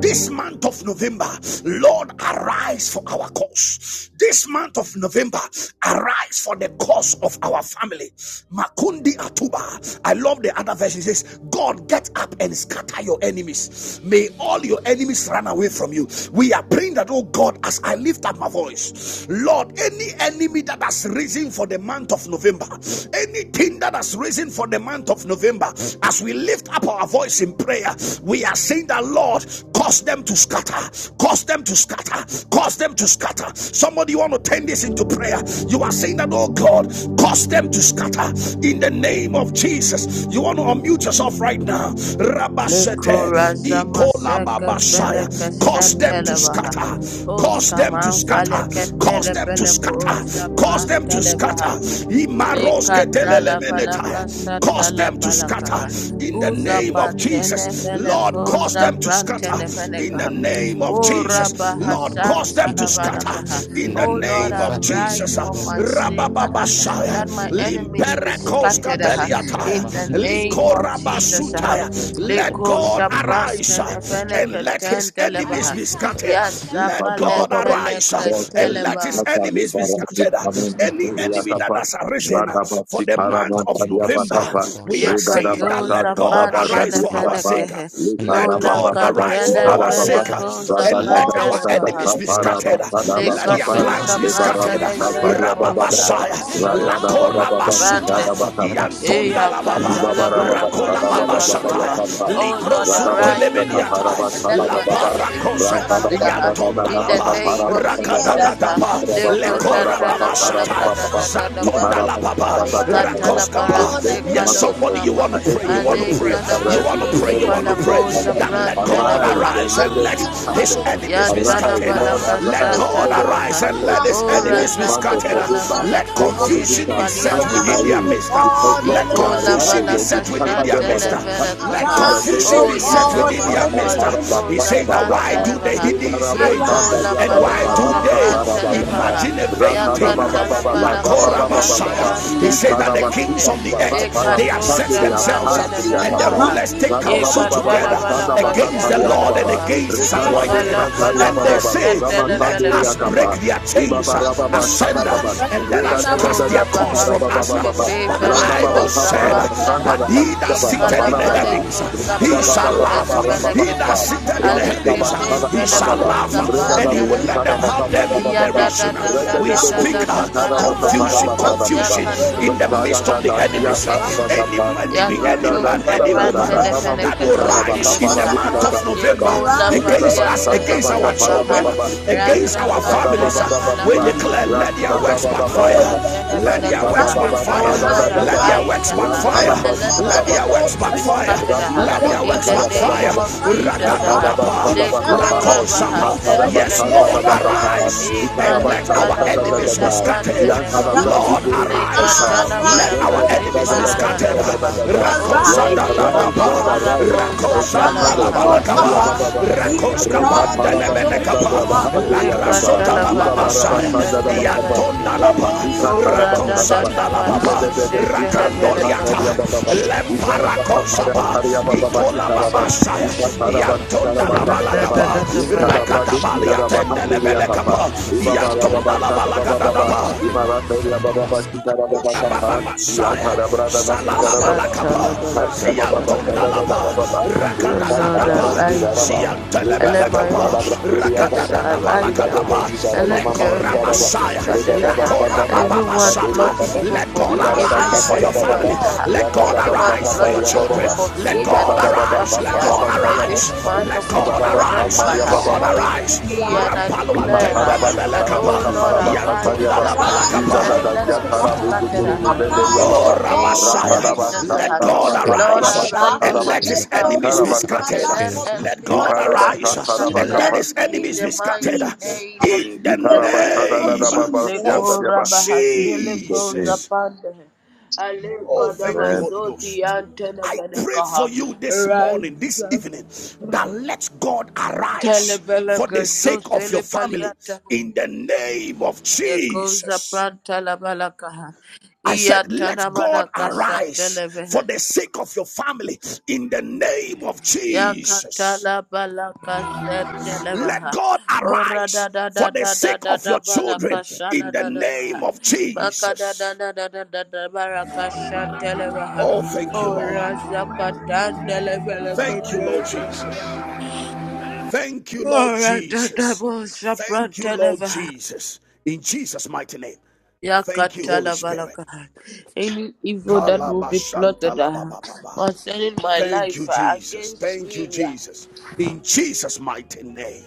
A: This month of November, Lord, arise for our cause. This month of November, arise for the cause of our family. Makundi Atuba. I love the other version. It says, God, get up and scatter your enemies. May all your enemies run away from you. We are praying that, oh God, as I lift up my voice, Lord, any enemy that has risen for the month of November, anything that has risen for the month of November, as we lift up our voice in prayer, we are saying, saying that, Lord, cause them to scatter, cause them to scatter, cause them to scatter. Somebody you want to turn this into prayer. You are saying that, oh God, cause them to scatter in the name of Jesus. You want to unmute yourself right now. Rabashete,
B: Nicorazama
A: Ikola
B: seka
A: Babashaya.
B: feleka
A: Cause them to
B: shetelevaha.
A: scatter,
B: Os
A: cause them to
B: kaman
A: scatter,
B: feleka
A: cause them to
B: telepeleko
A: scatter, cause
B: shapram
A: them to
B: tele baha.
A: scatter. Imaroske
B: Lekatala balaka
A: Cause
B: shatala
A: them to scatter
B: balakaha.
A: in the
B: Uza
A: name of Jesus.
B: pantene
A: Jesus. Lord,
B: feleko
A: cause
B: za
A: them to scatter
B: prantene
A: in the
B: felekaha.
A: name of
B: O
A: Jesus.
B: rabaha
A: Lord,
D: Baranda
A: cause them to
B: shantala
D: speaker
A: scatter
D: dashes.
B: balakaha.
A: in the
B: O Lord,
D: Four
A: name of
D: ferry
B: arise
A: Jesus.
D: speaker
B: for my
D: said
B: sake, aha,
D: around the
B: that
A: Rabababashaya,
B: my
D: cafeteria.
B: enemies
D: The
B: be
D: coffee
A: limperekoska
B: scattered aha,
D: speaker
A: deliataya,
B: in the
D: round
B: name
D: speaker
B: of
D: shabby.
B: Jesus. aha.
A: likorabasutaya.
D: The
A: Let
B: Leko
D: coffee
A: God
D: round
A: arise uh,
D: speaker
B: shaprantene
A: and let
D: dash.
A: his
B: feleketen
A: enemies
D: The
B: telebaha.
A: be scattered.
D: coffee
A: Let
B: Yasaka
A: God
C: Liparabababa.
D: La
A: arise uh,
B: lepeleke
C: God said
A: and
C: this,
A: let
B: telebaha.
A: his
C: Mata
A: enemies be scattered. Any enemy that
C: Liparabisanamanteriakapa.
A: has arisen uh, for the month of
D: katibraska
A: November,
C: Radabasiparamantariabakapa.
D: la
A: we are saying that
B: Yekatoza
D: kabaranda
A: let God God
D: kaposha
A: arise
B: fantele
A: for our
D: kadiata
C: Redadabasantadabazadiakapa.
A: sake.
B: felekehe.
D: La
A: Let
B: Ola
A: God
D: cafelita,
C: Liparabababa.
A: arise for
B: katele
G: Oh,
D: la
A: our
B: vele
C: Sitarababa.
A: sake.
G: arise,
D: cofelita
B: koza
G: O
A: And
D: stata
A: let our
B: pantele
G: God,
D: brascata,
G: and
B: vaha.
A: enemies
G: let
A: be
G: your
D: la
A: scattered.
G: enemies be
A: Let
D: cafeleschi
A: their
C: Radadadadadadaparabakadabakapa.
G: scattered.
B: Lekatoza
A: plans be
D: ferranta
A: scattered.
D: scata,
B: pantele vele
D: la
G: Arise,
B: koza.
C: Liparabasantariabababa.
G: O
D: cofelita
A: Rababasaya.
G: God,
D: sieta,
G: and let
D: la
A: Lakora
G: your enemies be
A: basuta.
B: Rante.
D: cofelaschi
C: Ratadabababa.
G: scattered.
D: ferrasabia,
A: Yantonda
B: Eya
A: la
D: la
C: In this month
B: katalaba
G: In
B: la
G: the
A: Rakola
G: name
A: baba
G: of
D: cofelasabia,
A: sataya.
B: kashatalabaha.
G: Jesus.
B: Oh Lord,
G: In the
D: la
B: arise
G: name of
B: uh,
D: Cofelesta
B: and
D: Villa,
B: let
G: Jesus,
A: La
B: my
G: God,
B: enemies be
G: please,
A: parakose.
G: God, I
B: scattered
G: want to
B: uh,
G: go,
D: la
A: Yantonda
B: in
A: la
G: God,
B: the
A: ba.
B: name of
G: I'm selling
B: Jesus.
G: my
B: Uh,
G: feet, God, don't
A: Lekora
G: stop the
A: baba
B: Lekoshatalaba
G: Sadi,
B: la
G: Sadabato, Sadabato,
A: Zantonda
B: kadadadadabaha.
A: la
G: Anzelevati, Kado, Sadie, Sadabato, Sadabato. Arise, O
B: Likatala
A: Rakoskapa.
G: God,
B: parase
G: and let
A: Yes,
G: your
C: of
B: kalos
A: somebody
G: enemies
C: forgiveness,
A: you
B: kama
A: want
G: be
A: to pray, you
C: every
A: want
G: scattered.
B: ale
A: to
C: enemy
A: pray,
C: is
B: kana
A: you
G: In
A: want
C: arising
G: the
A: to
C: to
A: pray,
B: maskiti
C: help
A: you want
G: name
A: to
G: of
C: people.
A: pray.
C: Father,
B: palakoza
G: Jesus,
A: Then let God
C: arise
B: prantanavaha
G: Sadi,
C: and
A: arise
C: let
A: and
C: them
A: let
C: be
A: his
C: scattered.
G: Sadabato,
A: enemies
D: cofelasabia,
A: be
G: Sadi,
B: yatana
C: Arise,
A: scattered.
C: Lord,
G: Kabrat,
A: Let
C: arise and
A: God
C: let them be
G: Sadabato,
A: arise
B: balakashatalabaha
A: and
C: scattered.
A: let his
B: o
C: In this
A: enemies be
C: month of
G: Anzelevati,
A: scattered.
C: forgiveness,
G: Kabrat,
B: razakatalabala
A: Let
C: no
G: Sadabato.
C: enemy
B: kashele
A: confusion
C: shall
A: be set
C: stand in
B: paliataha
C: our
A: within
G: Arise,
A: their
C: way.
G: O
A: midst.
C: Because
G: God, and
C: Lord,
A: Let
G: let
C: you
G: your
B: Ikola
A: confusion
C: arise
A: be
G: enemies
C: and you
G: be
A: set within
B: balakasha
C: cover
A: their
C: them
G: scattered.
C: on
A: midst.
C: our back.
A: Let
B: televelekaha.
C: In the
G: Arise,
C: name
A: confusion
G: O
C: of
B: O
A: be set
B: yana
C: Jesus,
G: God,
A: within
G: and
A: their
G: let
C: Mata
A: midst.
G: your
C: Paraba
B: mahafaliko
A: He
G: enemies
B: za
G: be
A: says that why
G: scattered.
C: Parabata,
A: do the
B: prantanevaha.
A: heathens
C: Lebara
A: rage
C: Santa
B: Yekola
G: Arise,
A: and
C: Yababa
G: O
A: why do
B: padoska
G: God,
C: Rasta
G: and let
A: they
G: your
C: Parabata,
B: prantanevaha.
A: imagine
G: enemies
A: a
G: be
A: vain
C: Rata
A: thing?
G: scattered.
C: Baba
B: Yakatala
C: Baba
A: La
G: In the
B: balako
A: Cora
C: Baba
B: za
C: Baba
G: name of
C: Baba,
A: He says
G: Jesus.
A: that the
C: Iparaba
A: kings
C: Siva
B: fiantanemenekehe.
A: of the earth earth.
C: Para
A: They have set
B: Lekatoja
C: Sandaria,
A: themselves, uh,
G: He's
C: Sandaria
A: and the
C: Tapa,
B: prantanevenekaha.
A: rulers take
C: Rata Baba
A: counsel
B: Yekatala
C: Baba
A: together
C: Sanda
A: against
B: balakasha
A: the
C: Batantaria
A: Lord and
C: Baba,
B: talabaha.
A: against his
C: Rekarabu
A: anointed.
B: Ikala
C: Santaria
A: And
C: Baba
A: they
C: Baba,
A: say,
B: balakasha
C: Rama
A: Let
C: Sandaria
A: us
B: televelekaha.
A: break
C: Kapa,
A: their chains,
C: Ibaba
A: uh,
C: Rababa Shana
A: uh,
C: Baba,
A: and let
C: Reda
A: us
C: Baba
A: cast
C: Dada
A: their
B: Yekora
A: cause from
C: Baba
A: us. uh."
B: bahasoske
C: Baba
B: te
A: But the
C: Randa baba
A: Bible
B: feleko
C: baba
A: said, uh,
C: raba sanda
A: But
B: zapandaha.
C: raba
A: he that
C: baba
A: sitteth
B: Ikala
A: in
C: baba
A: the
C: baba baba
A: heavens,
B: paleko
A: uh, he shall
C: baba baba
A: laugh.
B: sapriantene
C: baba baba
A: He that
B: belekehe.
C: baba
A: sitteth in the
C: rasa
B: Aleke
C: baba
A: heavens, uh,
B: te
C: baba
A: he
C: baba
A: shall
B: feleko
C: baba
A: laugh, uh,
C: renda
A: and
C: da
A: he
B: zapantene
A: will
C: kita
A: let
B: baha.
A: them
C: raba
A: have
C: baba
A: them in
C: baba baba
B: Yada da
A: derision.
B: da da
C: renda de
A: We
B: da
C: de
B: da
C: de
A: speak
C: de
B: da da
A: uh,
C: kita raba baba
B: balakaha.
A: confusion,
C: baba baba baba
A: confusion
B: Yakato
A: in the the
C: renda da
A: midst of
C: da
A: the
C: da
B: saprantene
C: dia
A: enemies.
C: raba
B: belekehe.
G: the
A: Any
C: baba
A: enemy, any
C: Rada
G: infinity
B: Yakato
C: da
A: man,
C: da da
A: any
C: da
G: equals
C: da
A: woman
C: da
B: saprantene
G: ahead.
C: kama
A: that
B: beleke
C: musi
A: will
B: so
C: kara
G: Yet,
C: baba
A: rise in the
C: para buka
A: month of
G: Kadabaha,
C: sa buka da
A: November
B: Yekola
G: arise, O
C: idara
A: against
C: baba
B: padia
A: us,
G: God,
C: sanda
A: against
G: and let
C: baba
A: our
B: tenevele
C: para
G: your
C: baba
A: children,
B: kaha.
C: baba
G: enemies be
A: against
B: Raza
G: scattered
A: our
C: renda
G: up.
C: da baba
A: families,
B: katala
C: baba
G: And
B: vala
A: we
C: baba
G: Zilili
B: kaha.
A: declare, let their
C: rasa
G: Ikapaha,
A: works
B: Holy
C: baba baba
G: oh,
A: backfire.
C: baba
B: Kusha
G: in the
C: Lord
G: midst of
A: Let
B: tenemene
G: the
A: their works
B: kaha.
G: struggles,
B: Oh
A: backfire.
B: Lord,
G: arise,
A: Let
G: ah.
A: their
B: arise
A: works
B: aha,
G: Yet,
A: backfire.
B: and let my
A: Let
G: Kabadaba
A: their works
B: enemies
G: knows
B: be
G: ahead.
A: backfire.
B: scattered. aha.
G: He's
A: Let
G: a
A: their
B: In
A: works
B: the
G: levati
A: backfire.
B: name of Jesus.
G: Kabatapa,
B: aha.
A: Ragadadapa.
G: he's a
B: Lekora
G: levati
B: baha
A: Lakosapa.
G: ahead.
A: Yes,
B: setelevele
A: Lord,
G: Oh, when,
B: kehe.
G: when there's
A: arise
G: seems
A: and
G: that,
B: Ikane
A: let
G: when,
A: our
G: when it seems
A: enemies be
B: palakoja
G: that there's no
A: scattered.
G: way,
B: prantenevaha.
A: Lord,
G: arise.
A: arise.
G: Ah,
B: Lekatala
A: Let
G: arise,
A: our
G: O
B: balakaze
A: enemies
G: Abba.
A: be scattered.
B: paradadabaha. O
A: Rakosa da
G: Arise,
B: sele
G: O
A: da da
C: arise,
A: ba.
B: kani
C: Lord
G: Abba.
C: arise,
B: parakoja
C: and
A: Rakosa da
C: scatter
G: Arise,
A: la
C: them.
B: talabaha.
A: ba
G: O
A: la
C: Man,
A: ka ba.
G: Abba.
A: Rakoska ba
C: Reta
A: de ne me ne
C: Parabasanda, the
G: Ikapadiadosha.
C: Abahandu,
A: La
G: In the
C: Yatapa,
A: grasota la ba
G: name
C: Iba
A: ba
G: of
C: Barabasanda,
G: Jesus.
C: the Bakapa,
A: Iantonda
G: In
B: Lekatalabalakashateleveleke.
A: la
G: the
D: Amen.
A: ba.
G: name
B: Oh,
D: Thank
A: Rakosa
C: Ikatarabasadaba,
A: da la ba ba.
C: Igedebede,
A: Rakandoliata.
B: radadadabalakashetelevelekaha.
C: Ikarabasandariababa,
A: Lemparakosa ba.
C: Ikarabakaparakarababa,
A: Itola ba
C: Ikaraba,
A: ba sa ya.
C: Ikataraba,
B: Oh,
A: Iantonda la ba la ka
C: Ikarabakaparaba,
A: ba.
B: radadadadabalakaha.
C: Ikarabrado,
A: Rakatabali le bele ka
C: Ikarabahanderiakapa, Ibabarababa,
A: Iantonda la ba la ka
C: Sarabababa,
A: ba.
C: Ibaratariababa, Ikarabakapa,
G: of Abba.
C: Iantarabrada,
G: Arise, O God. Arise.
B: Yatalabalakashatalabaha.
G: Ikapadiadosha.
B: Oh
G: Let
B: Lord,
G: that be.
B: arise ah, and let my enemies be scattered. ah. Arise ah, and
G: In
B: let
G: the
B: your
G: name of
B: enemies be
G: Jesus.
B: scattered. ah.
D: you.
G: Ratabadia
B: Everyone
G: dos.
B: plotting evil
A: Let
B: for
A: God
B: me, even
A: arise
B: in
A: for
G: Arise,
A: your
B: this
G: O
A: family.
B: month.
G: God,
B: ah,
G: is
A: Let God
B: Anyone
A: arise for
G: Elianos,
A: your
B: plotting evil
A: children.
B: for
A: Let
B: me
G: Eliantapaha.
B: and
A: God
B: my
A: arise.
B: family
A: Let
B: uh,
A: God
G: Arise for
B: in
G: your
A: arise.
B: this
G: children,
B: month
A: Let
B: of
G: huh?
B: of
A: God arise.
B: November,
A: Let
B: uh,
G: arise
C: Ibarabasa
A: God
G: for
B: we
G: your
A: arise.
G: people,
B: decree
G: huh?
B: and I
A: Rampalo
B: declare uh,
A: antende
C: Ikantarabasi
G: arise
A: lebele
G: for
B: that,
G: your
A: kapa.
B: oh
C: karabaka
B: Lord,
G: children,
C: parabasa
A: Yantunda
G: huh?
B: arise
C: tariaba.
A: la
B: uh,
G: arise for
A: balakapa.
G: your
B: and
C: Indadadas
B: let
C: ya
D: Enemies
B: them
D: be
G: people,
B: be
G: huh?
D: scattered
C: tarabuzu
B: scattered
D: in
C: kuru
D: the
B: uh,
D: name of
C: muzenderi ya
B: in
G: arise,
A: Oh,
B: the
D: Jesus.
C: baba.
G: O
B: name
G: God,
B: of
G: and let
A: Ramasaya,
D: Elakata
G: our
B: Jesus.
C: Ratarabasa
A: let
B: uh.
D: lakabia,
A: God
G: enemies be
C: tarabasa
B: Lord,
D: elakata
A: arise
G: scattered.
C: parabasa
G: huh?
B: arise
D: shakata,
A: and
B: on my
C: tarabas.
A: let
G: Let
A: his
B: behalf
D: elakata
G: those
A: enemies
G: who
A: be
B: uh,
G: seek
C: Ikarabasa.
D: raskata,
G: our
B: and
A: scattered.
B: let
G: downfall be
A: Let
B: every
D: elakata
A: God
G: scattered. huh?
B: enemy be
A: arise
C: Ikarabasa
D: raskata, elakata
G: In
B: scattered
A: and
C: tarabaka
A: let
B: uh,
C: pa.
G: the
A: his
B: in
A: enemies
G: name
B: the
A: be
G: of
A: scattered.
B: mighty
G: Jesus.
B: name of
A: In the
G: In the
B: Jesus. yeah.
C: Ikarabasa
G: name of
A: name
C: dadadababa
B: Le
G: Jesus.
A: of
B: kora Leko
C: yantariaba. In
B: rabahasi
C: Jesus'
B: leko
C: name.
A: Jesus.
B: zapande.
A: Oh,
B: Aleko
A: thank
C: Amen.
A: you, Holy
B: dabasoti
A: Ghost.
B: antene
A: I pray for
B: venekaha.
A: you this morning, this
B: Rise.
A: evening, that let God arise for the
B: Telebeleka
A: sake of
B: susele
A: your family
B: paliata.
A: in the name of
B: Leko
A: Jesus.
B: zapranta la balakaha.
A: I
B: Iya
A: said, let God
B: tanamana kasa
A: arise for
B: televehe.
A: the sake of your family in the name of Jesus.
B: Yakatala balaka
A: Let
B: setelebaha.
A: God
B: Ora
A: arise
B: da da da
A: for the
B: da da
A: sake
B: da
A: of
B: da
A: your
B: balaka
A: children
B: shana
A: in the
B: da da
A: name
B: baha.
A: of
B: Maka da da
A: Jesus.
B: da da da da da balaka shatelebaha.
A: Oh, thank you,
B: Ora
A: Lord.
B: zakatandele balaka
A: Thank you, Lord Jesus.
B: shatelebaha.
A: Thank you, Lord
B: Ora da da
A: Jesus.
B: bo
A: Thank you, Lord
B: shaprantelebaha.
A: Jesus. In Jesus' mighty name. Thank you, Holy
B: Yakatala
A: Spirit.
B: balaka. Any evil that will be plotted uh,
A: Kalabashantalabababa.
B: concerning my
A: Thank you,
B: life uh,
A: Jesus.
B: against
A: Thank you,
B: me. uh,
A: Jesus. In Jesus' mighty name.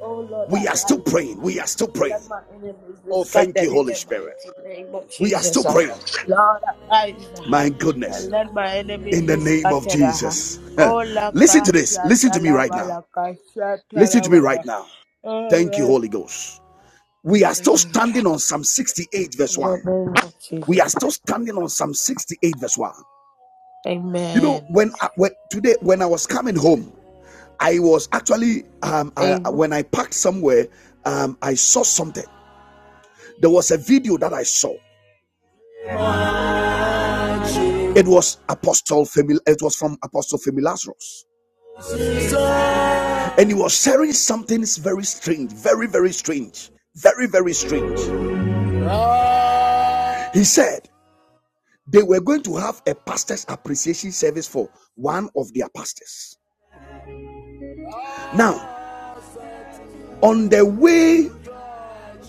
B: Oh Lord,
A: We are still
B: arise
A: praying.
B: uh,
A: We are still
B: and
A: praying.
B: let my enemies be
A: Oh, thank you,
B: scattered in
A: Holy
B: the
A: Spirit.
B: mighty name of
A: We are
B: Jesus.
A: still
B: uh.
A: praying.
B: Lord, arise uh,
A: My goodness.
B: and let my enemies
A: In the
B: be
A: name of
B: scattered. uh.
A: Jesus.
B: Oh, la
A: Listen to this.
B: kasha
A: Listen to me right
B: talaba,
A: now.
B: la kasha
A: Listen to me
B: talaba. uh.
A: right now.
B: Oh,
A: Thank you,
B: Lord.
A: Holy Ghost. We are still standing on Psalm 68,
B: In
A: verse
B: the
A: 1.
B: name of
A: We
B: Jesus.
A: are still standing on Psalm 68, verse 1. You know,
B: Amen.
A: when, I, when today, when I was coming home, I was actually um, I,
B: Amen.
A: when I parked somewhere, um, I saw something. There was a video that I saw. It was Apostle Famil- It was from Apostle Femilasros, and he was sharing something very strange, very very strange, very very strange. He said they were going to have a pastor's appreciation service for one of their pastors. Now, on the way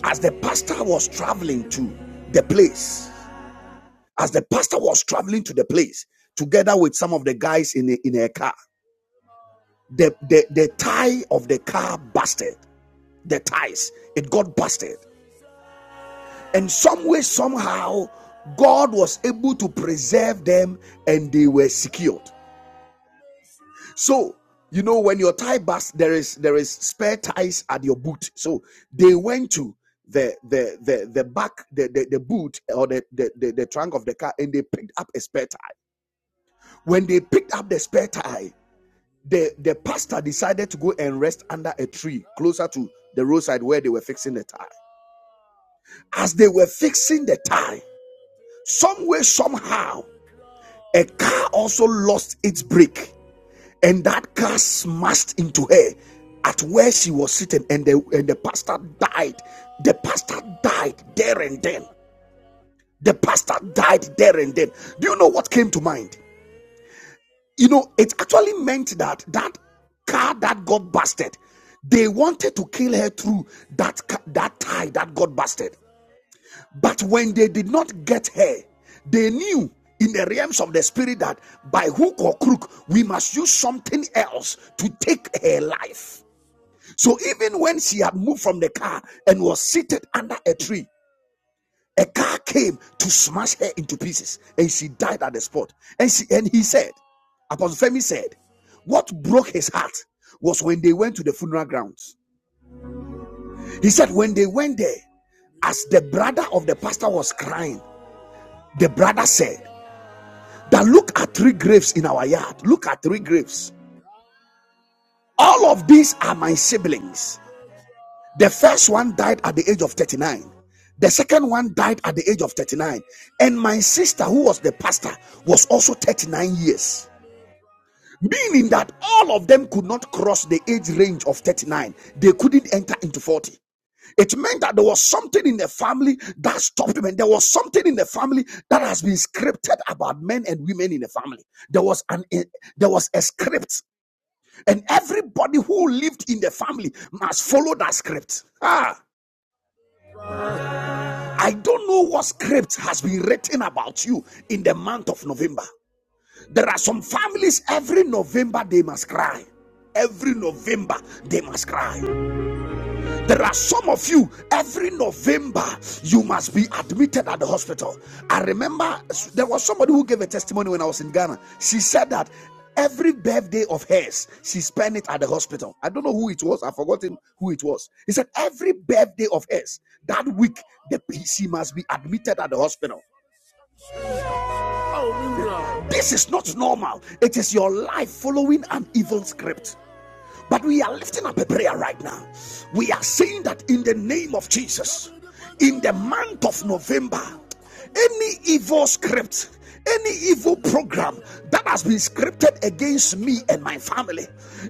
A: as the pastor was traveling to the place, as the pastor was traveling to the place together with some of the guys in a, in a car, the, the, the tie of the car busted. The ties, it got busted. And some way, somehow, God was able to preserve them and they were secured. So, you know, when your tie bust, there is there is spare ties at your boot. So they went to the the the the back the the, the boot or the, the the the trunk of the car and they picked up a spare tie. When they picked up the spare tie, the the pastor decided to go and rest under a tree closer to the roadside where they were fixing the tie. As they were fixing the tie, some way somehow a car also lost its brake and that car smashed into her at where she was sitting and the and the pastor died the pastor died there and then the pastor died there and then do you know what came to mind you know it actually meant that that car that got busted they wanted to kill her through that that tie that got busted but when they did not get her they knew in the realms of the spirit that by hook or crook we must use something else to take her life So even when she had moved from the car and was seated under a tree, a car came to smash her into pieces, and she died at the spot. And she and he said, Apostle Femi said, what broke his heart was when they went to the funeral grounds. He said, when they went there, as the brother of the pastor was crying, the brother said, that look at three graves in our yard. Look at three graves. All of these are my siblings. The first one died at the age of 39. The second one died at the age of 39. And my sister, who was the pastor, was also 39 years. Meaning that all of them could not cross the age range of 39. They couldn't enter into 40. It meant that there was something in the family that stopped men. There was something in the family that has been scripted about men and women in the family. There was an eh, there was a script, and everybody who lived in the family must follow that script. Ah, I don't know what script has been written about you in the month of November. There are some families every November they must cry. Every November they must cry. There are some of you, every November, you must be admitted at the hospital. I remember there was somebody who gave a testimony when I was in Ghana. She said that every birthday of hers, she spent it at the hospital. I don't know who it was, I've forgotten who it was. He said, Every birthday of hers, that week, the PC must be admitted at the hospital. Oh, no. This is not normal. It is your life following an evil script. But we are lifting up a prayer right now. We are saying that in the name of Jesus, in the month of November, any evil script, any evil program that has been scripted against me and my family,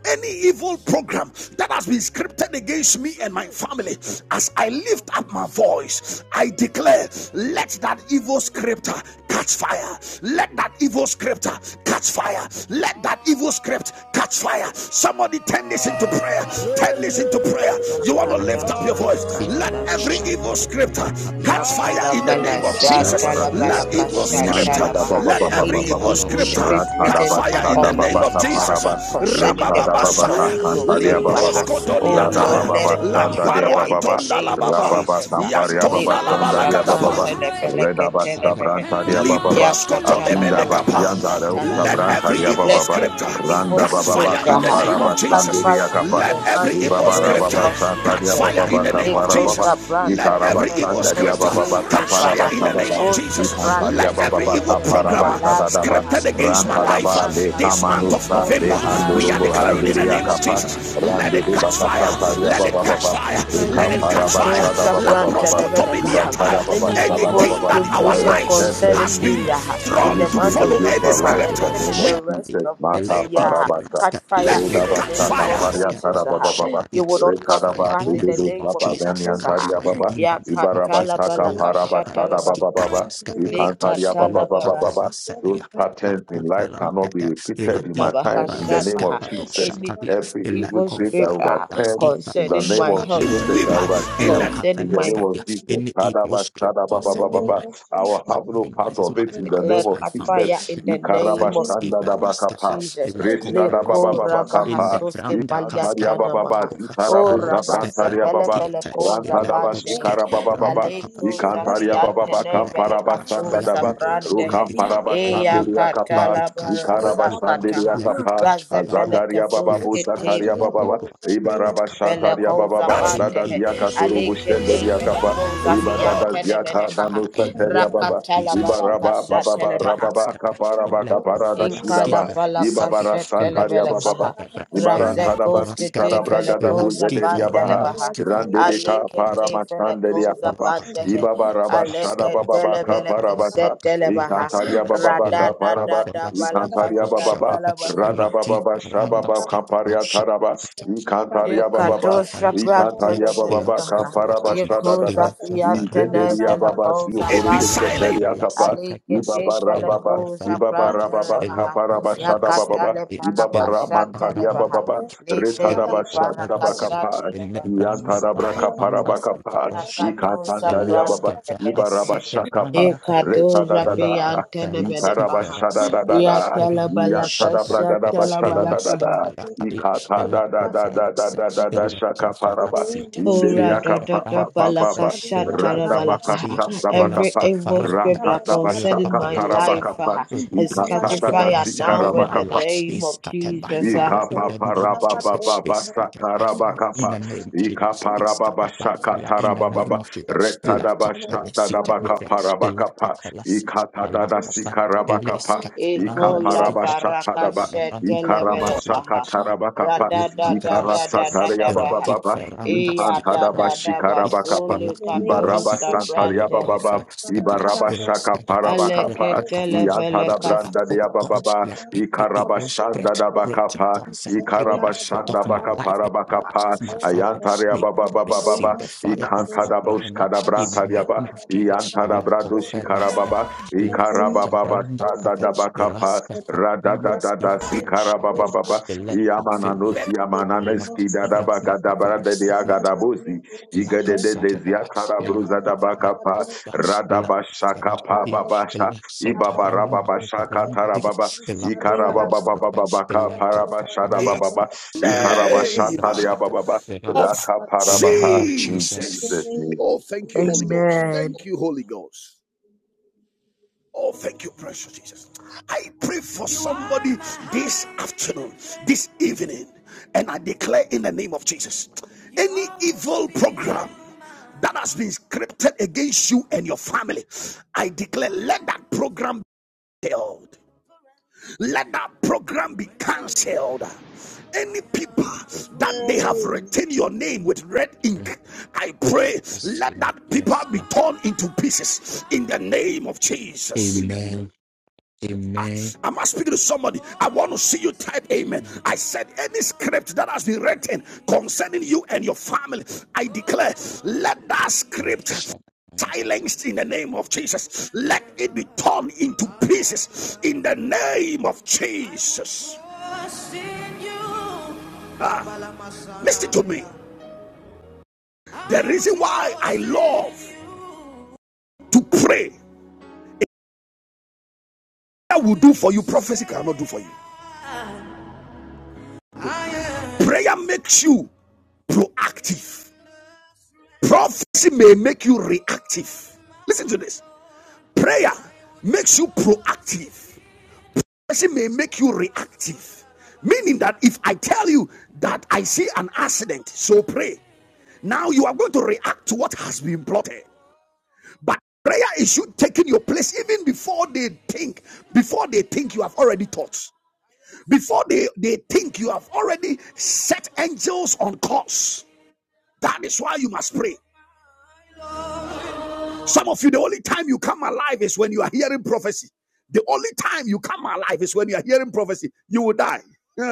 A: any evil program that has been scripted against me and my family, as I lift up my voice, I declare, let that evil scripter catch fire. Let that evil scripter altar catch fire. Let that evil script catch fire. Somebody turn this into prayer. Turn this into prayer.
B: La
A: You want to
B: kasha
A: lift up your
B: talaba, la
A: voice. Let
B: kasha
A: every
D: Shut
A: evil script catch
D: up,
A: fire in the
B: Yakalabala
A: name of
D: Fire
C: Masuda
D: in
A: Jesus.
B: shatalabala
C: Baratuza,
A: Let
D: the
A: evil script,
C: Manta da
B: kashatalabaha.
C: Baba
A: let
C: Baba
A: every
B: Any
C: Baba,
A: evil
B: evil
A: script
B: script
C: Rata da
A: catch
B: written
A: fire
C: Bata
A: in
C: da
A: the
B: upon
A: name
C: Baba
A: of
B: me aha,
A: Jesus.
C: Taparaba,
B: concerning
C: Lesa
B: the
C: da
B: month
C: Baba
B: of
A: Rabababasaya,
C: Santaria
B: November. aha.
A: Limbros
C: Baba,
B: Oh
C: rada
B: Lord,
A: Kotoniataya,
B: let
C: Baba
B: it catch
C: Santaria
B: fire in the
C: Baba,
B: name of
A: Lababa,
C: Rababa
B: Jesus. ah.
C: Samparia Baba
A: Yantonda
B: Leko
C: Santaria
B: shapra
C: Baba,
A: Labalakadaba.
B: telefele
C: Reda Basta
B: ketelevehe.
C: Brantaria
D: name
C: Baba,
D: of Jesus.
B: Yakatala
C: akunda
D: But
B: balaka
A: Liproskotolemenekapa.
D: fire in the
B: shatala
C: Shadabaratiza.
A: Let
D: name
C: Mantadabababababa.
B: baha.
D: of
A: every evil
B: Let
D: Jesus.
C: Ratadabatadababababaraba. Leshadababatasantariabababa. Radabababasandariabababa. Rababatampariababasandariabababa. Redabastabrantariabababa. Akundabasiandareostabrantariabababa.
A: scripture
B: every
D: Fire
B: evil
A: catch
D: speak
B: spirit
D: for
A: fire in the
D: yourself.
A: name of
B: baha catch
A: Jesus.
B: fire
C: Randabababakaparabasandiriakapa.
B: in
A: Let
D: Fire
B: the
D: speak
A: every
B: mighty
A: evil
D: around
A: scripture
B: name of
A: catch
B: Jesus.
A: fire in the name of
D: the
C: Ibabarababasantariabababakaparababa.
A: Jesus.
B: Likoza
A: Let
B: branta
D: La
A: every
B: nefene
A: evil
C: Ikarabasanda
A: scripture
D: Catalaschi
C: diababa
B: koshi di
A: catch
D: Fellowship,
A: fire
B: baha.
A: in the name
C: kaparabasabada.
A: of
D: La
B: Osi
A: Jesus.
C: Ikanta
A: Let
B: branta
D: Catalaschi,
A: every
C: diababa
B: nefene
A: evil
B: kehe
D: La
A: programmer
B: palaza
C: kaparabasadadaba.
B: ha.
A: scripted
D: Catalaschi, La
A: against my life uh,
C: Rantadaba le
D: Catalaschi,
B: Rashanka la
A: this month of
C: kamanusta
B: paleko
C: de
A: November.
D: it
A: We are
B: zapande
C: andurubu
B: he.
A: declaring in the
D: restricted
C: handuria
A: name of
D: us in
C: kapa.
D: our
A: Jesus,
D: life, the
A: let it
C: Randuri
D: life of
A: catch
D: my
A: fire,
C: bakasata
D: family.
A: let it
D: I
A: catch
C: diababa.
D: fire
A: fire,
D: in
C: Ika
D: the
A: let it
D: name
A: catch
D: of
B: Alekato
A: fire.
C: parabasada
D: Jesus.
A: La
C: baba
B: Shabranta
C: baba.
B: Nevenekaha.
A: proscotominiata.
C: Ibasada baba
D: The
B: Any
D: love
C: sada
D: of
B: evil
A: Anything
D: the
C: baba.
A: that
B: script
D: land that
A: our
B: written
A: lives
D: scatters, the love
B: concerning
A: has
D: of
A: been
B: me
D: the
B: Yaha,
C: We
B: in
A: drawn
B: the
D: scatters,
A: to
C: just
D: the
C: give
B: month
C: a
D: love
B: of
A: follow
C: gift
A: any
C: for
D: of
B: November
C: life
B: and
A: script,
C: in the
B: even
D: the
C: name
B: in
A: uh, we
C: of
B: the rest
D: Shakaya,
C: Jesus.
B: of
D: the love of
C: Mata
B: this year,
D: the
C: Barabasa.
B: catch
A: let
B: fire
D: scatters, the
A: it
B: in
D: love
B: the
D: of
A: catch
C: Rodabasa
B: name of
D: the
A: fire.
C: Tamparia
B: Jesus.
D: scatters,
B: Yaha.
C: Tarababa.
B: You will
D: Shakaya,
B: not
D: Catch
B: come to
D: fire
C: Rekadaba
B: pass
D: in
B: in
D: the
B: the
C: Dedo
D: name
B: name
D: of
B: of
C: Saba
D: Jesus.
B: Jesus.
C: Banyan
D: Catch
C: Taria
D: fire
B: Yaha.
C: Baba.
D: in the name of
B: Yakatalaba
D: Jesus.
C: Ibarabashaka
D: La- pa- pa- la-
C: Parabasada
D: ski-
B: lakashatalaba.
C: Baba
D: pa-
A: Catch
C: Baba.
D: la- ska- the di- ya- ta.
C: Ikantaria
D: La-
C: Baba
D: pa-
C: Baba
B: Lekatalaba
D: pa- la-
C: Baba.
D: se- di- ya.
C: Those
D: La
C: patterns in life
D: cofera
C: cannot be
D: dada, ila
C: repeated in my
D: tipa
C: time in
D: para
C: the name of
B: lakashataha.
D: skepa do
C: Jesus.
B: Any
D: shakadia,
C: Every
D: ila
C: evil
B: evil
C: spirit I
B: script
D: cofera
B: ah,
D: da
C: overturn
D: skipa
C: in
D: do
C: the
B: concerning
C: name
B: my
C: of
A: it
D: shakadia,
B: health,
A: will
C: Jesus. I
A: uh, in
D: ila
C: overturn
A: the
C: in
B: concerning
D: capella
C: the
B: my
C: name
D: scadia,
C: of
D: in
C: Jesus.
D: the evil
C: Kadaba, Sadaba,
G: In the
C: Baba,
G: name
C: Baba.
D: script
G: of
C: I will
G: Jesus.
D: my
C: have no part
D: finances,
C: of
G: In
D: my
C: it
G: the
C: in the
D: love,
G: name
C: name
B: declare
G: of
C: of
D: my
B: catch
D: family.
B: fire
G: Jesus.
C: Jesus.
B: in
D: La
B: the
G: In the
B: name of
D: conference,
G: name of
C: Ikarabashanda
D: Iber
G: Jesus.
D: Rastafe,
C: dabakapa.
B: Jesus.
D: La
G: In the
C: Reshada
G: name
D: conference,
C: baba
G: of
B: Leko
D: Ita,
C: baba
D: in the
G: Jesus.
C: kapa.
B: rabahasoske
D: Vranda
G: We
D: Casca,
C: Ikantaria
G: shut up
B: paliatana
C: baba
G: our
C: baba.
B: maha.
G: mouths, shut up
B: O
C: Zitarabu
G: our
D: Alaska.
G: mouths,
B: rabaske
C: zabrantaria
G: speak
B: pele
G: up
C: baba.
B: fele
G: our
D: Theater,
B: ko
D: let
C: Rantada
G: body, our
D: those
B: zabandehe.
D: kick
G: voice,
C: bashikara baba
G: and
D: around
C: baba.
D: the brand
G: we
B: Aleko
G: shall let
C: Ikantaria
G: our
D: up,
C: baba
B: zafiante
C: baba.
G: peace
B: ne
D: let
G: of
D: it
B: fele
G: the heart.
D: catch
B: kaso
C: Kamparabashanda
D: fire,
G: We
D: oh
C: daba.
D: Lord,
G: get
D: let
B: saprandehe.
D: it
G: body,
D: catch
G: our
D: fire,
G: voice,
D: oh
B: Eya
D: Lord,
C: Rukamparabashanderia
G: and
D: let
C: kapa.
D: it
B: katala
D: catch
G: we
D: fire,
G: are
B: barasa
D: oh God,
C: Ikarabashanderia
G: the
B: kataha.
D: let
G: heart.
D: it
C: kapa.
D: catch
B: Raze
D: fire, oh God,
B: pele
C: Azataria baba
D: let it
B: kasoske
D: catch
B: te
C: buzataria
D: fire, oh
C: baba.
D: God, let it catch fire,
B: pele
C: Ibarabashantaria
D: oh
B: ko
D: God.
C: baba baba.
A: nuts.
D: Any
C: Dada
B: zabandehe.
D: evil script
C: diakatorubu
B: Aleke te
C: shenderia
D: concerning
B: pele
C: kapa.
D: me and
B: koza
D: my loved
C: Ribadada
D: one,
B: zafiante ne
C: ziata
D: catch
B: menekaha.
C: dano
D: fire in the
C: santeria
D: name of
C: baba.
B: Rakatala
D: Jesus.
C: Ibaraba
B: balakasha
D: Lakuska
C: bababa
B: televaha.
C: rababa
D: tebraskape,
C: kaparaba
D: lako
C: kapara da
B: Inkala
C: shidaba.
D: filaskipe
B: palaka
D: sapia,
C: Ibabara
B: shetele
C: santaria
B: belekaha.
D: lakuska
C: bababa.
D: tebra,
C: Ibarantada
B: Razekos
D: lakoraska
B: kete
C: basitara
D: teka,
C: bragada
B: felekos
D: laskife
C: buzederia baha.
D: randa
B: apandelevaha.
D: skifa
C: Rande de
D: dosha.
C: ka para
B: Alikete
C: masanderia
B: felekos
C: papa.
B: apandehe.
D: Catebra,
C: Ibabaraba shada
D: Fadaskapa,
C: bababa
B: Aleketele beleke
D: Lapapa,
C: kaparabasa.
B: setelevaha.
C: Ikantaria
D: Lapaskapa,
C: bababa
B: Radada
D: Lapo,
C: kaparaba.
B: dada balaka
D: Felaskifa,
C: Ikantaria
D: Roshapa,
C: bababa.
B: shetelevaha.
C: Rada baba.
D: Ratifa,
C: shababa
D: Randaskapa,
C: kaparia taraba.
D: Roshapa,
C: Ikantaria
D: La
C: bababa.
B: Yekatosha
D: cafala stafia,
B: prantana
C: Ikantaria
D: la
C: bababa
B: velakaha.
D: stofala
C: kaparaba
D: capia,
B: Yekoza
C: shada
D: la
B: fiantana
D: coveranda
C: Izederia
D: stica la
C: baba
D: capia,
B: velakoza
A: It be
C: siokorobo
D: la
B: pandehe.
A: silent
C: seteria
D: tevela
C: kapa
D: sita casa,
B: Alikete
C: ibabara
D: la
C: baba
B: velakoza
D: cofala
C: ibabara
D: capia,
B: prantana
C: baba
D: la
B: vaha.
C: kapara
D: cofala
C: bashada baba
B: Yakatale
D: stafia, la
C: ibabara
B: palakasha
C: mantalia
D: capranda
B: televaha.
C: baba
D: capia, la
C: retada
B: Likete
C: bashada
D: cofala sia,
B: parakasha
C: bakapa
D: la
B: televaha.
D: branda
C: iantara braka para
D: capranda stica
C: bakapa
D: roshabia,
B: Yakatosha
D: la
C: ikasantalia baba
B: prantana
D: scafe
B: velakaha.
C: ibaraba
D: hasite
C: shakapa
D: branda capia,
C: retada
B: Yekatosha
D: la
C: dada
B: fiantana
D: cofala
C: ikaraba
D: stica
B: velakaha.
C: shada dada da
B: Yatala
D: Ela o
C: iantada
D: shatan
B: balakasha
C: braga da
D: best
B: tala
C: bashada
D: ela
C: dada
B: balakaha.
C: da
D: skafala halia
C: ikata
D: ela
C: da da da da
D: kofelas
C: da da da
D: ela
C: shaka
D: kofela
C: paraba
D: sita
B: Ora
D: ela
C: indelia
B: da da da
D: kofanta
B: balaka
D: kate ela
B: shatara
D: kofela stia
B: balakaha.
D: ela
B: Every
C: Ratabakastabakapa,
B: evil
D: skafara
B: script that
D: nate ela
B: concerning
C: Ratadabashaka
B: my
D: kofela
B: life
D: kaskate
C: Tarabakapa,
B: uh, is catching
D: Infoscript
B: fire now
D: concerning
B: in
D: my
B: the
C: Ikatadadatsikarabakapa,
D: life
B: name
D: is
B: of
D: scattered by
B: Jesus. uh.
D: fire in the name of Jesus. Is scattered by fire in the
C: Ikapaparabababashakarabakapa.
D: name of Jesus. Is scattered by fire in the name
C: Ikaparababashakatarabababa.
D: of Jesus. The Ela kofela sita ela
C: Retadabashatadabakaparabakapa.
D: kofela sita ela Illes
C: Ikatadadasikarabakapa.
D: Catarang
B: Ekola
D: Maski Protoch
B: baraka
C: Ikaparabashatadaba.
D: Calaban
B: shetele
D: Calabaya
B: balakaha. Ra
C: Ikaramasakatarabakapa.
D: La
B: da da da da
D: caperaska,
B: da da da
D: irati
B: baha.
C: Ikarasatariabababa.
D: ferranda
B: Iya da da
D: skifarosha,
B: da
C: Ikantadabashikarabakapa.
D: la
B: basuli kato
C: Ibaraba
D: capelasi, la
C: santaria
B: sabrante.
C: baba
D: conferaska,
C: ibaraba shaka
D: iraska de castura, la
C: parabakapa
B: Aleketele
D: cafarska,
C: iantada
D: yes,
B: feleka.
D: that
C: branda
D: old touch,
C: Diababa,
D: let every evil
C: Ikarabashanda
D: spread,
C: da
D: written
C: bakapa,
D: thoughts and any aspect
C: Ikarabashanda
D: of my life
C: bakapara
D: and the lives
C: bakapa,
D: of my family. May
C: Ayantaria baba
D: it
C: baba baba,
D: receive the fire of God
C: Ikantada
D: right now
C: boskada
D: in the
C: brantaria ba,
D: name of Jesus.
C: Iantada
D: La
C: bradoshi
D: conferaska,
C: karababa,
D: la
C: Ikarababa
D: cabranda,
C: sanda da bakapa,
D: iraska,
C: Rada da da
D: Nasty
C: da
D: fellow, champagne,
C: sikarababa baba,
D: electrophilia,
C: Iamananos
D: in the
C: Yamananeski da da bakadabra de diagadabosi, Igede de ziakara bruza da bakapa, Radabashaka pa babasha, Ibabarababa shaka tarababa Ikarabababababaka
A: in
C: parabashadabababa.
A: the
G: We get it right.
A: name.
G: We are
C: Ikarabashantadiabababa.
A: of
G: the voice,
D: name
C: Rakaparabaha.
G: and
D: of
C: In
D: Jesus,
G: In the
C: Jesus'
A: Jesus.
C: name.
G: name of
A: Oh, thank you, Holy
G: Jesus.
A: Ghost.
B: Amen.
A: Thank you, Holy Ghost. Oh, thank you, precious Jesus. I pray for somebody this afternoon, this evening, and I declare in the name of Jesus any evil program that has been scripted against you and your family, I declare let that program be held. Let that program be
G: Amen.
A: cancelled. Any people that they have
G: In the
A: written your name with red
D: yes,
A: ink, I pray let
D: Lord,
A: that paper
D: yes,
A: be
D: Lord.
A: torn into pieces in the name of Jesus.
D: Amen,
A: Am I speaking to somebody? I want to see you type amen. I said, any script that has been written concerning you and your family, I declare, let that script silenced in the name of Jesus. Let it be torn into pieces in the name of Jesus. Ah, listen to me. The reason why I love to pray, that will do for you, prophecy cannot do for you. Prayer makes you proactive. Prophecy may make you reactive. Listen to this. Prayer makes you proactive. Prophecy may make you reactive. Meaning that if I tell you that I see an accident, so pray. Now you are going to react to what has been plotted. But prayer is you taking your place even before they think. Before they think, you have already thought. Before they, they think, you have already set angels on course. That is why you must pray. Some of you, the only time you come alive is when you are hearing prophecy. The only time you come alive is when you are hearing prophecy. You will die. Yeah.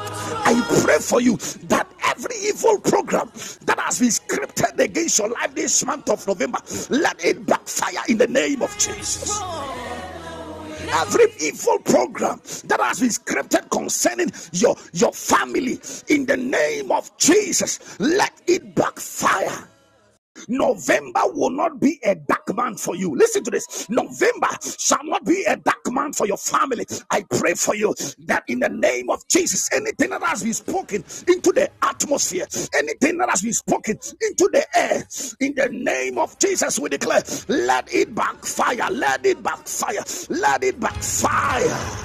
A: I pray for you that every evil program that has been scripted against your life this month of November, let it backfire in the name of Jesus. Every evil program that has been scripted concerning your, your family in the name of Jesus, let it backfire. November will not be a dark month for you. Listen to this. November shall not be a dark month for your family. I pray for you that in the name of Jesus, anything that has been spoken into the atmosphere, anything that has been spoken into the air, in the name of Jesus, we declare, let it backfire, let it backfire, let it backfire.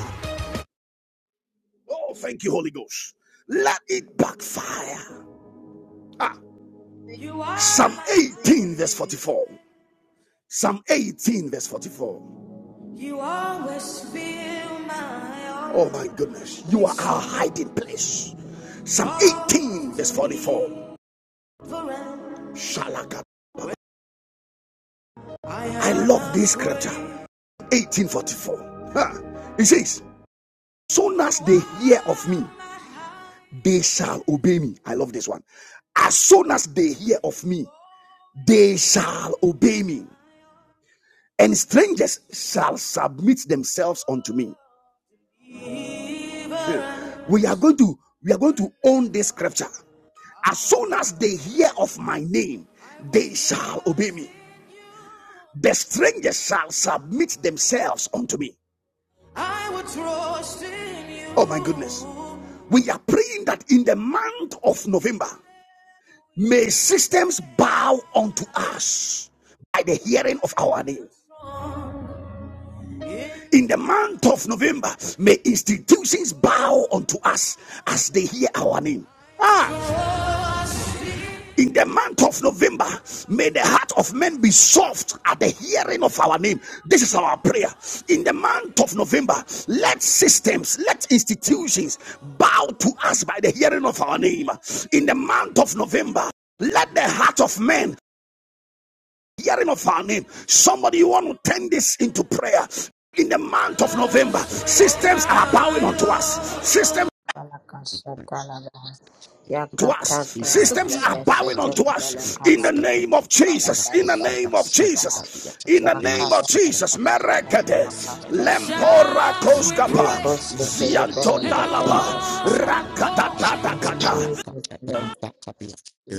A: Oh, thank you, Holy Ghost. Let it backfire. Ah,
G: name of
A: Psalm
G: Jesus.
A: 18, verse
G: Amen.
A: 44. Psalm 18, verse 44. You always fill my Oh my goodness. You are our hiding place. Psalm 18, verse 44. I love this scripture. 1844. Ha. It says, Soon as they hear of me, they shall obey me. I love this one. As soon as they hear of me, they shall obey me. And strangers shall submit themselves unto me. Hey, we are going to we are going to own this scripture as soon as they hear of my name they shall obey me the strangers shall submit themselves unto me i will trust in you oh my goodness we are praying that in the month of november may systems bow unto us by the hearing of our name. In the month of November, may institutions bow unto us as they hear our name. Ah. In the month of November, may the heart of men be soft at the hearing of our name. This is our prayer. In the month of November, let systems, let institutions bow to us by the hearing of our name. In the month of November, let the heart of men hearing of our name. Somebody, you want to turn this into prayer. In the month of November, systems are bowing unto us. Systems.
B: Yakata
D: amen.
A: to us.
D: Askika
A: Systems are
D: raska
A: bowing
D: fagosh
A: unto us in the
D: raska
A: name
D: peja
A: of Jesus. In
D: ilaki
A: the name of
D: feraska
A: Jesus.
D: fegaviyata
A: In the name of
D: ilasi
A: Jesus.
D: ferrota
A: Merekade.
D: raska
A: Lempora
D: Fabash, Elaki
A: koskapa.
D: Ferraska Bloka,
A: Zianto
D: Elaki
A: dalaba.
D: Ferraska Fabash,
A: Rakatatakata.
D: Elaka Ferranta Kabia,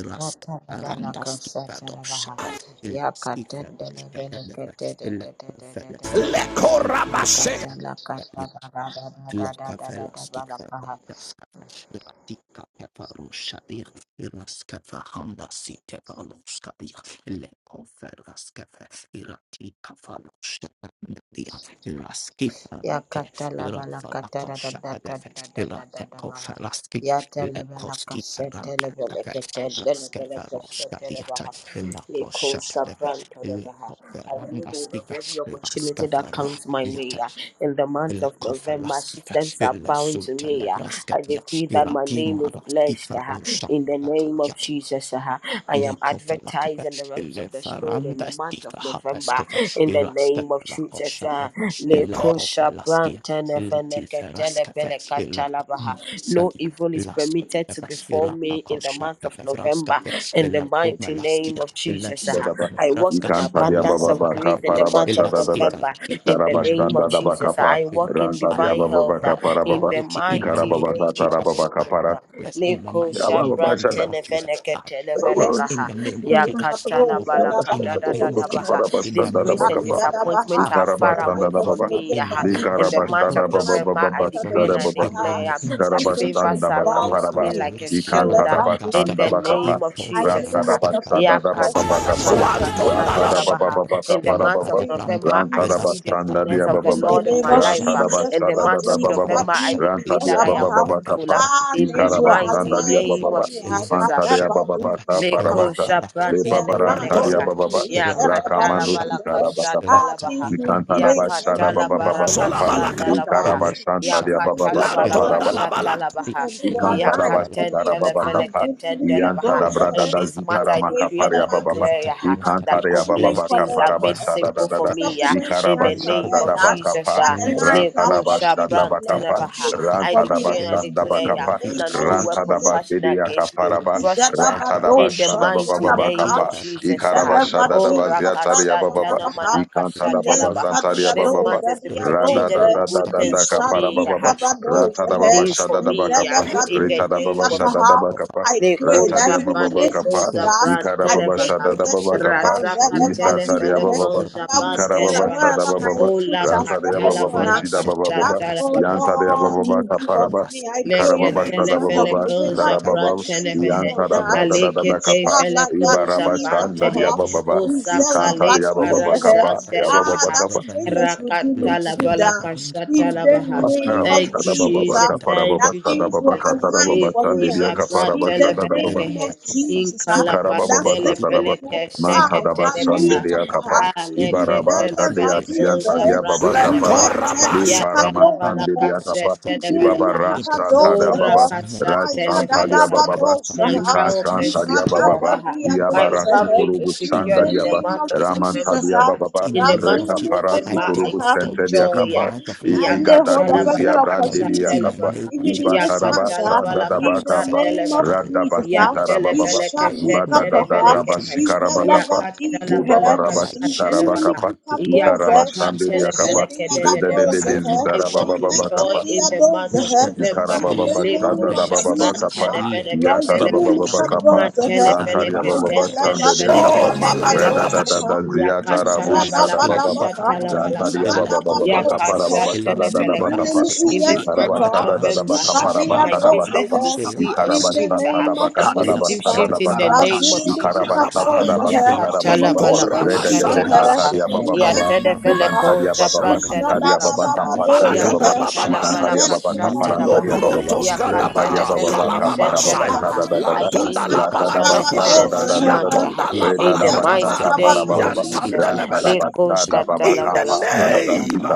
D: raska fagaviyata ilaki feraska fagaviyata ilaki feraska fagaviyata ilaka febranta kabiyat iraska aranda skifadosapa ilaki feroshka gadefa ilaki feraska fagaviyata
A: Lekorabashe.
B: Makata la kata
D: ilaki
B: da da da da da da da da da
D: Lakaveloski
B: ba la paha.
D: Vadaskava Latika Peparushavia Iraskava Honda Sita Valuskavia Lekoferaskava Iratika Valuskavia Iraski
B: Ya
D: Farate
B: katala bala
D: Irafalako
B: katara da da da
D: Shadafe
B: da da da da da
D: Irateko
B: baha.
D: Feraskia
B: Ya tele bala
D: Lekoski
B: kasete le bele
D: Ferantakafe
B: ketele le bele
D: Iraskava
B: kasete le
D: Roskadiata
B: baha.
D: Lako
B: Liko
D: Shadafe
B: sabranto le baha. I lay hold of
D: Lekoferandaskiva
B: every opportunity that
D: Iraskava
B: comes my way.
D: Ruatiata
B: Yeah. In the month
D: La
B: of November,
D: kofalaskika,
B: systems are
D: la
B: bowing to
D: suta
B: me.
D: la
B: Yeah. I
D: braskatia,
B: decree that my
D: irati
B: name is blessed
D: maraskika,
B: uh,
D: rusha,
B: in the
D: la
B: name
D: kalia,
B: of Jesus. uh, I am
D: Lekofa
B: advertised
D: lakata,
B: in the realms of the Spirit in the
D: lefaranda
B: month
D: stifa
B: of
D: hata
B: November
D: skofa,
B: in the
D: iraska
B: name of Jesus.
D: lakosha
B: uh,
D: leva, lekofa
B: Lekosha
D: laskia, letifa raskafa,
B: brantenefeneketelekelekatalabaha.
D: lakoma
B: No
D: sadia,
B: evil is
D: lasot
B: permitted to
D: leva,
B: befall
D: irapa
B: me in the
D: kosha
B: month of
D: leva
B: November
D: raskafa,
B: in the
D: lakoma
B: mighty name
D: laskia,
B: of Jesus. uh,
D: lesefa
C: Dadaba.
B: I walk
D: raska,
B: in abundance of
D: alakofa
C: Ikantadiabababaka
B: grace in
D: lakadia,
B: the month of
C: parabashadadada.
D: elastifa
B: November
D: lakia.
B: in the
D: In the
B: name of
D: month of
B: Jesus. uh,
C: Ikarabashandadabakapa.
B: I
D: October,
B: walk in
D: I
B: divine
D: walk
B: health. uh,
D: in
C: Rantadiabababaka
D: the
B: in
C: parababa.
B: the
D: authority in my
B: mighty
D: name,
C: Ikarababaka
B: name of Jesus.
D: Jesus.
C: tarababaka
D: I will
C: para.
D: bless in the
B: Leko
D: mighty name of
B: shapran
D: the Lord
C: Yabababashadabababa.
D: Jesus
B: tenefeneke
G: The
D: breaks in
B: televelekaha.
D: the name of Jesus. I
B: Yakatala
D: will break in
B: balakata
D: the
B: da da
D: name
B: da
D: of
C: Ikarabashadabababaka
D: Jesus.
B: baha.
D: In
B: This
D: the mouth
B: grace
D: of
B: and
C: parabashandadabakapa.
D: November,
B: disappointment
D: I
B: are
D: do
B: far
D: the
B: away
D: love
G: month of
D: of
B: from
C: Ikarabashandadababa.
D: God
B: me.
D: in
G: November,
D: the
B: yaha.
D: name.
G: even
B: In the
G: and
D: It
B: month
D: will
G: every
B: of
D: be
G: month
B: November, I
C: Ikarabashadababababa.
D: Saturday
G: after
D: for
B: decree and
D: me
G: November,
B: I
C: Sitarababa.
D: in the
G: huh?
B: declare ah,
D: name of
B: that
D: Jesus.
G: systems
B: favor
G: will
C: Ikarabashanda
D: Shut
G: bow
B: surrounds
G: to
B: me
C: bakaparaba.
G: me.
B: like a
G: I
B: shield ah, in
C: Ikantadabashanda
B: the
C: bakapa.
B: name of
G: lay
B: Jesus. ah.
G: hold of every
C: Ratadabashada
G: blessing in
B: Yakatala
G: the
C: dabababakapa.
G: month of November
A: Zuanton
B: balakashatala
G: for me.
B: baha. In the
G: In
B: month
G: the
C: Ratadabababakaparababa.
B: of
G: name of
B: November, I
G: Jesus,
B: see the
C: Rantadabashanda
B: goodness of the
G: in
C: diabababa.
G: the
B: Lord in
G: name
B: my
G: of
B: life. uh,
G: Jesus,
B: in the
C: Ratadabashada
G: God,
B: month of
G: please,
C: dadabababa.
G: God,
B: November, I
G: please,
B: decree
G: God,
B: that I am
G: Abaha.
B: fruitful
C: Rantadiabababakapa.
B: ah,
G: Ah,
B: in the
G: things were
B: mighty
C: Ikarabashanda
G: aligned
B: name
G: for
C: diabababa.
B: of
G: me. I
B: Jesus. uh.
G: can't ever do
C: Antadiabababaka
B: Leko
G: Abaha.
C: parabasa.
B: shapran
G: Things were aligned
A: dalabanton.
G: for
B: tenefenekaha.
G: me.
C: Lebabarantadiabababa.
B: Ya
G: It's all about
B: katala
G: the
C: Rakamanus
G: is
B: balaka
G: ahead.
C: ikarabakapa.
G: Ah,
B: shatala baha.
G: things will
B: Ya
G: play in my
C: Ikantadabashada
B: katala
G: favor. God,
B: baraka
C: babababakapa.
A: Solabalaka.
G: please,
B: shatala
G: Abaha.
B: baha.
G: If
B: Ya
C: Ikarabashanta
D: Shut
G: you
B: katala
G: really
C: diabababaka
G: can
A: Lanton
B: balaka
C: paraba
G: Abaha.
D: Relative
A: dalabala.
B: shatala baha.
C: baba baba
D: studies,
G: Systems were
B: Ya
G: aligned
D: the
C: baba.
G: for
B: katen
G: me.
C: baba
G: Ah,
B: telefeleke
G: really,
B: tendele
G: it goes
C: baba
B: In
G: ahead.
B: this
G: I
B: matter, I
G: pray
B: decree
G: for
B: and
G: the
B: I
C: baba
G: month
C: baba.
G: of
C: ba
B: declare yaha,
G: November
B: that
C: ikantara ya
G: even
B: complex
C: baba
G: for
B: things
C: kapa. kapa
B: are made
G: the
C: brada da
B: simple
C: da
B: for
C: da
B: me. Yeah.
G: Subsequent
C: ikara
B: In the
G: events
B: name
C: bashada
G: ahead
B: of
C: da.
G: that,
B: Jesus.
C: bakapa
G: that
B: Yeah.
G: the lines
C: ranta
G: are
C: da
B: Leko
G: falling into
C: bashada
B: shapran
G: place
C: bakapa
G: and
B: tenebaha.
G: places
B: I
G: for
C: ranta da
G: me
B: decree
G: eh,
B: and I
C: bashanda
B: declare
G: in
B: yeah,
G: the
C: bakapa
G: name
B: that
G: of
B: no
C: ranta da
B: weapon
G: Jesus.
B: fashioned
C: bakiri ya
B: against me
C: kapara
B: will
C: ba
B: prosper.
C: ranta da
B: In the
C: bashada baba
B: mighty
C: baba
B: name of
C: kapa
B: Jesus,
C: ikara
B: ah.
C: bashada da
B: oh
C: baziatari ya baba ba
B: Rakashatana
C: ikantara baba
B: Manakashatalabaha.
C: zantari ya
B: This
C: baba ba
B: month is
C: rada
B: impregnated
C: da da
B: with
C: Rada da
B: good
C: da
B: things
C: da
B: for me.
C: Ikarabashadadabakapa, Rantadabashadabakapa,
B: ah.
C: Rantadabashandabakapa, Rantadabakeriyakaparaba, Rantadabashadabababakapa, Ikarabashadadabaziatariyabababa, Ikantarababazantariyabababa, Radadadadadadakaparabababa,
B: Good good
D: Latika
B: things for me.
C: Ratadababashadadabakapa,
B: ah.
D: La
B: In the
C: Retada
B: name
C: Baba
B: of
C: Shada
B: Jesus.
C: Daba Kapa,
G: I pray
B: Leko
G: that
C: Rantadia
G: even
C: Baba
B: Japa
G: in
C: Baba
G: this
B: Leko
C: Kapa,
G: month, uh,
B: Zapra
C: Ikara
G: I
C: Baba
G: take
B: Televaha
C: Shada Daba Baba
G: possession.
C: Kapa,
G: God,
B: Razaka
G: Izalevadi
C: Isataria
G: he.
B: Telefele
C: Baba
B: Ko
C: Baba,
G: The Bible
B: Japan
C: Ikara
G: saying that
C: Baba
B: Televaha
C: Shada
G: wherever
C: Baba
G: my
C: Baba,
G: foot
B: Ola
G: shall step
C: Rantadia Baba
B: Katala
G: upon,
C: Baba,
G: uh,
C: Shida Baba
G: that,
C: Baba,
G: oh
B: Valaka
C: Yantadia
G: Lord,
C: Baba Baba
G: you give unto
C: Kaparaba,
G: me. I pray
C: Ikara
G: even
C: Baba
G: in this
B: Leketele
C: Shada Baba
G: month of
B: fele
C: Baba,
G: November
B: koza
C: Sitara
G: and the
C: Baba,
B: prantele
G: months
B: vehe.
G: beyond
C: Yantada
G: that.
C: Brada Dada Dada
B: Alekete
C: Kapa,
B: fele
G: Inshallah, God,
B: koza
C: Ibaraba
G: these are for
B: prantehe.
C: Shandaria
G: her.
C: Baba Baba,
G: We sell her,
B: Osakale
G: but
C: Ikantaria Baba
G: years
C: Baba
G: ahead.
C: Kapa,
B: parazandele
C: Yababa
G: Ah,
C: Baba
B: vaha.
G: that
C: Kapa,
G: strangers will do me
B: Rakatala
G: good.
D: sete
G: uh,
D: branda
G: in
B: balakashatala
G: the
D: cavalia,
B: vaha.
G: name
D: la
G: of
B: Thank you,
C: Karabashada
D: coscia da
C: Baba
G: Jesus.
B: Jesus.
G: ah,
C: Baka
D: branda
B: Thank
C: Parababa
G: That
B: you,
C: Sada
G: things
C: Baba
G: will
B: Jesus.
D: cavalia.
C: Katada
G: align
C: Baba
G: for me
C: Sandelia
G: ah,
B: Lekoza
D: In the
G: in
B: pratele
G: the
C: Kaparabashada
B: fele
C: Baba
G: name
B: kehe.
G: of Jesus. ah,
B: Inkala
G: That
C: Ikarababa
B: patele
C: tataraba
G: systems
B: fele
G: will
B: keshe
G: bow.
C: mantadaba
B: ketele vaha.
G: Malika
C: shandelia kapa
G: paha,
C: ibaraba
D: month
G: Ivele
B: Aleketele
D: of
C: dadea
B: fele
D: nothing,
G: vadieze,
B: koza
D: I
C: siantadia
D: walk
C: baba
D: in
B: prantele
D: the will
C: kapara
B: vaha.
D: of
G: Niente
D: God.
C: le
G: di
A: Lekorabasha.
D: I
C: parama
D: walk in
B: Yatalavala
D: the
G: kadoze,
C: sandelia
D: ways
B: kasha
C: kapa
D: of God. I
B: televela
C: ibaba
G: Izulili
D: walk
B: kaha
D: in the
C: rasta
D: divine
G: ikadoze,
C: tadia
B: ora
G: eh,
C: baba
D: assignment
B: kasha
D: of God.
B: televela
C: rasantadia
D: Last
B: kaha
D: year,
C: baba
G: Ayadadabadoze,
B: My
C: ika
B: help
D: nothing
B: is
D: shall by
C: shantadia
D: any
B: secured.
C: baba
B: ah.
D: means near
B: My
D: my
C: iabara
D: joy.
G: Ikadababiadoze,
B: family is
C: sikurubu
G: In
D: In the
B: secured
G: the
D: name
B: in
C: shandadia
B: the
C: baba
D: of
G: name
B: month
G: of
B: of
D: Jesus, I
G: Jesus,
B: November.
C: ramantadia
G: ah,
D: but
C: baba
D: in
B: In
D: the
B: the
D: name
B: month
D: of
C: reka
B: of
G: Razuli
C: para
D: Jesus, I
B: November,
D: take
G: kadoze,
B: I
C: sikurubu
G: eh,
B: see
D: authority
C: sentelia
D: in
B: joy.
D: the
B: ah.
C: kapa
D: month of
G: I
D: November.
G: lay hold
D: I
G: of
D: take
G: every
C: igadaduzia
D: authority
C: brandelia
D: in
G: opportunity,
D: the
C: kapa
B: Yakatalavalakashatelevaha.
D: name of
G: even in
D: Jesus.
G: this month,
C: ibataraba
D: Let's go
G: ah,
D: for hand
C: shandadaba
G: in
D: that
G: the
D: said
C: kapa
G: name
D: yes.
G: of
D: I
B: Yakatalavalakashatelevaha.
D: lack
G: Jesus.
D: of the
G: ah,
C: radabasita
D: last
G: We
D: yes.
C: rababa
G: shall
D: I walk
G: be
D: not
C: Ibadadada
G: kapah,
D: according to
B: Yatelevelekeshetelevelekaha.
D: my
G: is the love
D: strength,
C: rabasikarabakapa,
G: of
D: but I
B: Yakata
G: Jesus,
D: put on
G: eh,
B: lavalakasha
D: Christ
G: is the
D: Jesus.
B: televaha.
D: I
C: libabarabasikarabakapa,
G: little
D: put on
G: kapos,
D: Christ
G: eh,
B: Yakata
D: Jesus. The
G: Blessed
C: ikarabashandeliakapa,
G: the
D: last thing
G: other
D: not
G: those.
B: televelekedededebaha.
C: redededede
G: eh,
D: Stefan
B: I
G: he
B: walk in
C: zitarabababakapa,
B: joy
G: entered the
B: in the
G: others,
B: month of
G: eh,
D: Lakada,
B: November.
G: in
H: Skedeventes
G: the
C: Ikarababa
D: Leto
G: name
B: Leko
C: Shada
G: of
H: Mambratis
C: baba
D: Velasquita,
B: shabran
G: Jesus.
C: Kapa,
G: ah,
H: Ukapai
D: Leto
G: Razili
D: Skita
B: televeleketelevaha.
G: little
H: Peretus
C: Yakarababa
D: Hand
C: Kapa,
G: kapos,
H: Combratis
D: Capax,
G: eh,
C: Rantaria
B: Matelefeleke
D: Alus
G: is
H: Ababahat
G: the
C: baba
D: Catebra,
C: Sandelia
B: tetelefeleke
A: Oh,
C: Kapa,
H: Shetete
G: love
D: Lascata
C: Reda
G: of
H: Kopadi
G: Jesus,
A: malakadababa.
C: da
B: setelebaha.
C: da
D: Lacavani.
C: da
G: ah,
H: Soprete
C: Ziatarabu
H: Peretis
D: Lacopalias,
C: Shada baba
G: Ishadabaha,
D: Ilacopalacabias,
C: Rantaria
B: Yakatalavalakashatalavalakaha.
H: Ikadadadabaya
C: baba baba Kapara
H: Kobaladias
G: Ikadabadozaha,
D: Ilacopalacabias,
C: baba Sada da baba
B: Yakashatelefelekaha.
H: Lebrende
C: Kapa,
G: Izilili
B: In
D: Ilacetabrascapas,
H: Sofra
B: this
C: Ikaraba
B: month
G: Iyantaka,
B: of
H: Dimata
C: Sada da baba
B: November, ha,
D: Icapacranascapas,
C: Kapara
H: Sapa
B: my
C: Basada Bakapa,
B: business
G: Ikadiadozaha,
H: Papatus
B: will
D: Rascapas,
B: see a
H: Tapayas
G: in
C: Ikaraba
G: the
B: shift,
C: Santa
B: ha,
C: da
G: name of
B: a
D: Ilacopalacabias,
C: Bakata da
H: Katis,
B: positive
G: Jesus, ah,
C: Basada
B: shift
C: da
B: in the
C: Bakapa,
D: Ilacapadrascapas,
B: name of
G: Razulili
H: Varatasapata,
C: Ikaraba
B: Jesus. Ha.
C: Santa da
D: Icapacastabias,
G: Ikabozaha,
C: Basita da baba.
G: Izilili
D: Ilacopalacabias,
B: Lakashata
C: shada
G: Izaha,
H: Mampapapaposkababapaya,
C: shada
A: Ikorabashandala.
C: kapa. kapa.
B: Labaha,
D: Ilacetapas,
C: kapa. kapa Reda Reda Ikarabababashadadabababakapa, Yakarabababakapa, Rantariabababasandeliakapa, baba Rantariababababakaparababashadadadabakapa,
H: Leveledimina
B: Yatedefele
G: Iyantakaha,
C: Ikarabashadadadabakaparabashadabakapa,
B: Koza
C: Ikarabasantadabakatarabashadadabakapa,
D: Ilacopalacabias.
B: Pratela
D: In
H: Sakatias,
D: the
C: Ikarabasatadabasitarabababa,
B: Valakaha,
C: Redadadesatariabababa, baba.
G: Ishadabadozaha,
A: balakada
H: Vagatinda
B: Yakatala
A: baba.
H: Duasa,
C: Ikantaria baba
G: Iyantada,
B: Balakashata
A: Lo
C: kaparantaria
B: Labaha,
H: Linganda
C: baba
A: prontos
H: Banda
C: rentaria
H: Payate,
A: kadaba
B: Yakatelefele
C: baba
A: kalababa
C: kapara baba
H: Linganda
A: shaya
B: Keshetelebaha.
C: shada
H: Bunda
C: da da
B: I
C: da
H: Busa,
A: lantonda
B: gain you
A: la
C: rata da
B: customers
C: basta
B: even
A: balakaba
C: da
B: in
C: da da
B: this
G: Ikadabadozaha,
H: Sabarana
C: da da
B: month,
C: da
B: ah,
A: yantonda
H: Bayata,
A: la
C: reta
B: in
C: da
B: the
H: Sobrana
C: basta
B: mighty
A: balakadaba
C: kapara
B: name
H: Benda
B: of
C: baba
G: Iyantadabadozaha.
B: Jesus.
A: yantanda la
C: ranta
H: Bababababana
C: da
A: balak
C: basta da
B: Lekozata
C: baba
A: in
H: balota
A: the
C: kapa da
B: Labalakaha,
C: da da
A: name
H: Yamanda
C: sita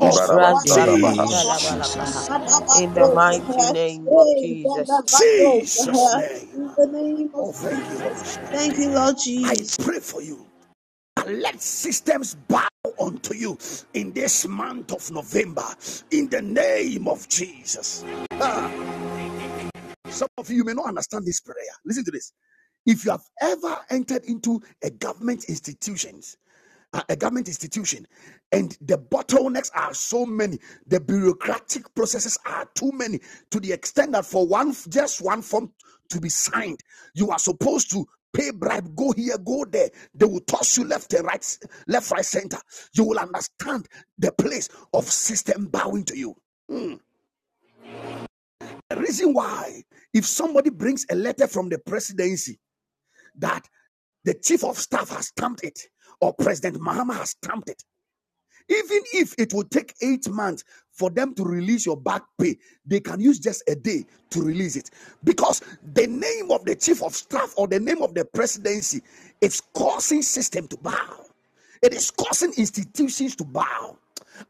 A: of
G: In the
C: ibarabasta ba da baha
D: name
B: Razakata
H: Dabubetis,
D: of
A: Jesus
B: Labalakaha,
D: Jesus.
B: in the mighty name of Jesus.
A: Jesus name
G: name of
A: oh thank you Holy
G: Jesus. Thank
A: Spirit
G: you, Lord
A: I
G: Jesus.
A: pray for you and let systems bow unto you in this month of November in the name of Jesus Some of you may not understand this prayer. Listen to this. If you have ever entered into a government institutions, a a government institution, and the bottlenecks are so many, the bureaucratic processes are too many to the extent that for one just one form to be signed, you are supposed to pay bribe, go here, go there. They will toss you left and right, left, right, center. You will understand the place of system bowing to you. The reason why, if somebody brings a letter from the presidency that the chief of staff has stamped it or President Mahama has stamped it, even if it will take eight months for them to release your back pay, they can use just a day to release it because the name of the chief of staff or the name of the presidency is causing system to bow. It is causing institutions to bow.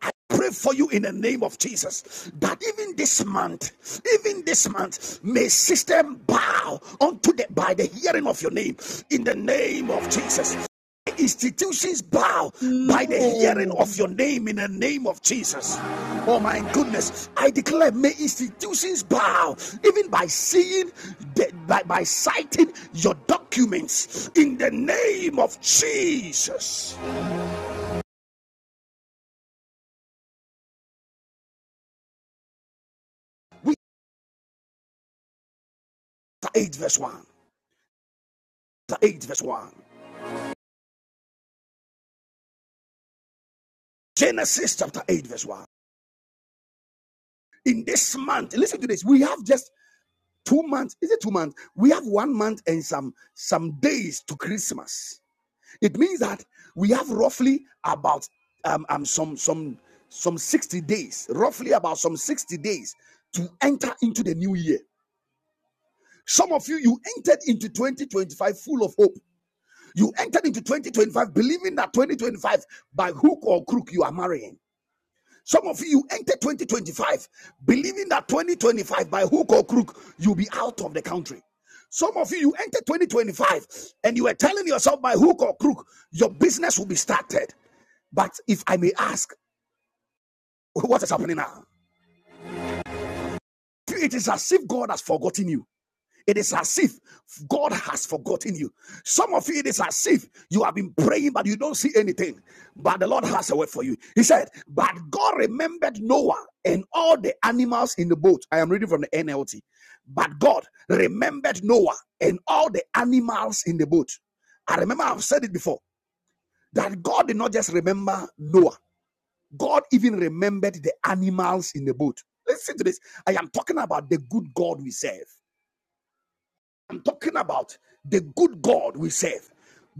A: I pray for you in the name of Jesus that even this month, even this month, may system bow unto the by the hearing of your name in the name of Jesus. Institutions bow by the hearing
G: Amen.
A: of your name in the name of Jesus. Oh my goodness. I declare, may institutions bow even by seeing, by, by citing your documents in the name of Jesus. We chapter 8, verse 1. Chapter 8, verse 1. Genesis chapter 8, verse 1. In this month, listen to this. We have just two months. Is it two months? We have one month and some some days to Christmas. It means that we have roughly about um, um some some some 60 days, roughly about some 60 days to enter into the new year. Some of you you entered into 2025 full of hope. You entered into 2025 believing that 2025 by hook or crook you are marrying. Some of you enter 2025 believing that 2025, by hook or crook, you'll be out of the country. Some of you, you enter 2025 and you are telling yourself, by hook or crook, your business will be started. But if I may ask, what is happening now? It is as if God has forgotten you. It is as if God has forgotten you. Some of you, it is as if you have been praying, but you don't see anything. But the Lord has a word for you. He said, But God remembered Noah and all the animals in the boat. I am reading from the NLT. But God remembered Noah and all the animals in the boat. I remember I've said it before that God did not just remember Noah. God even remembered the animals in the boat. Listen to this. I am talking about the good God we serve. I'm talking about the good God we serve.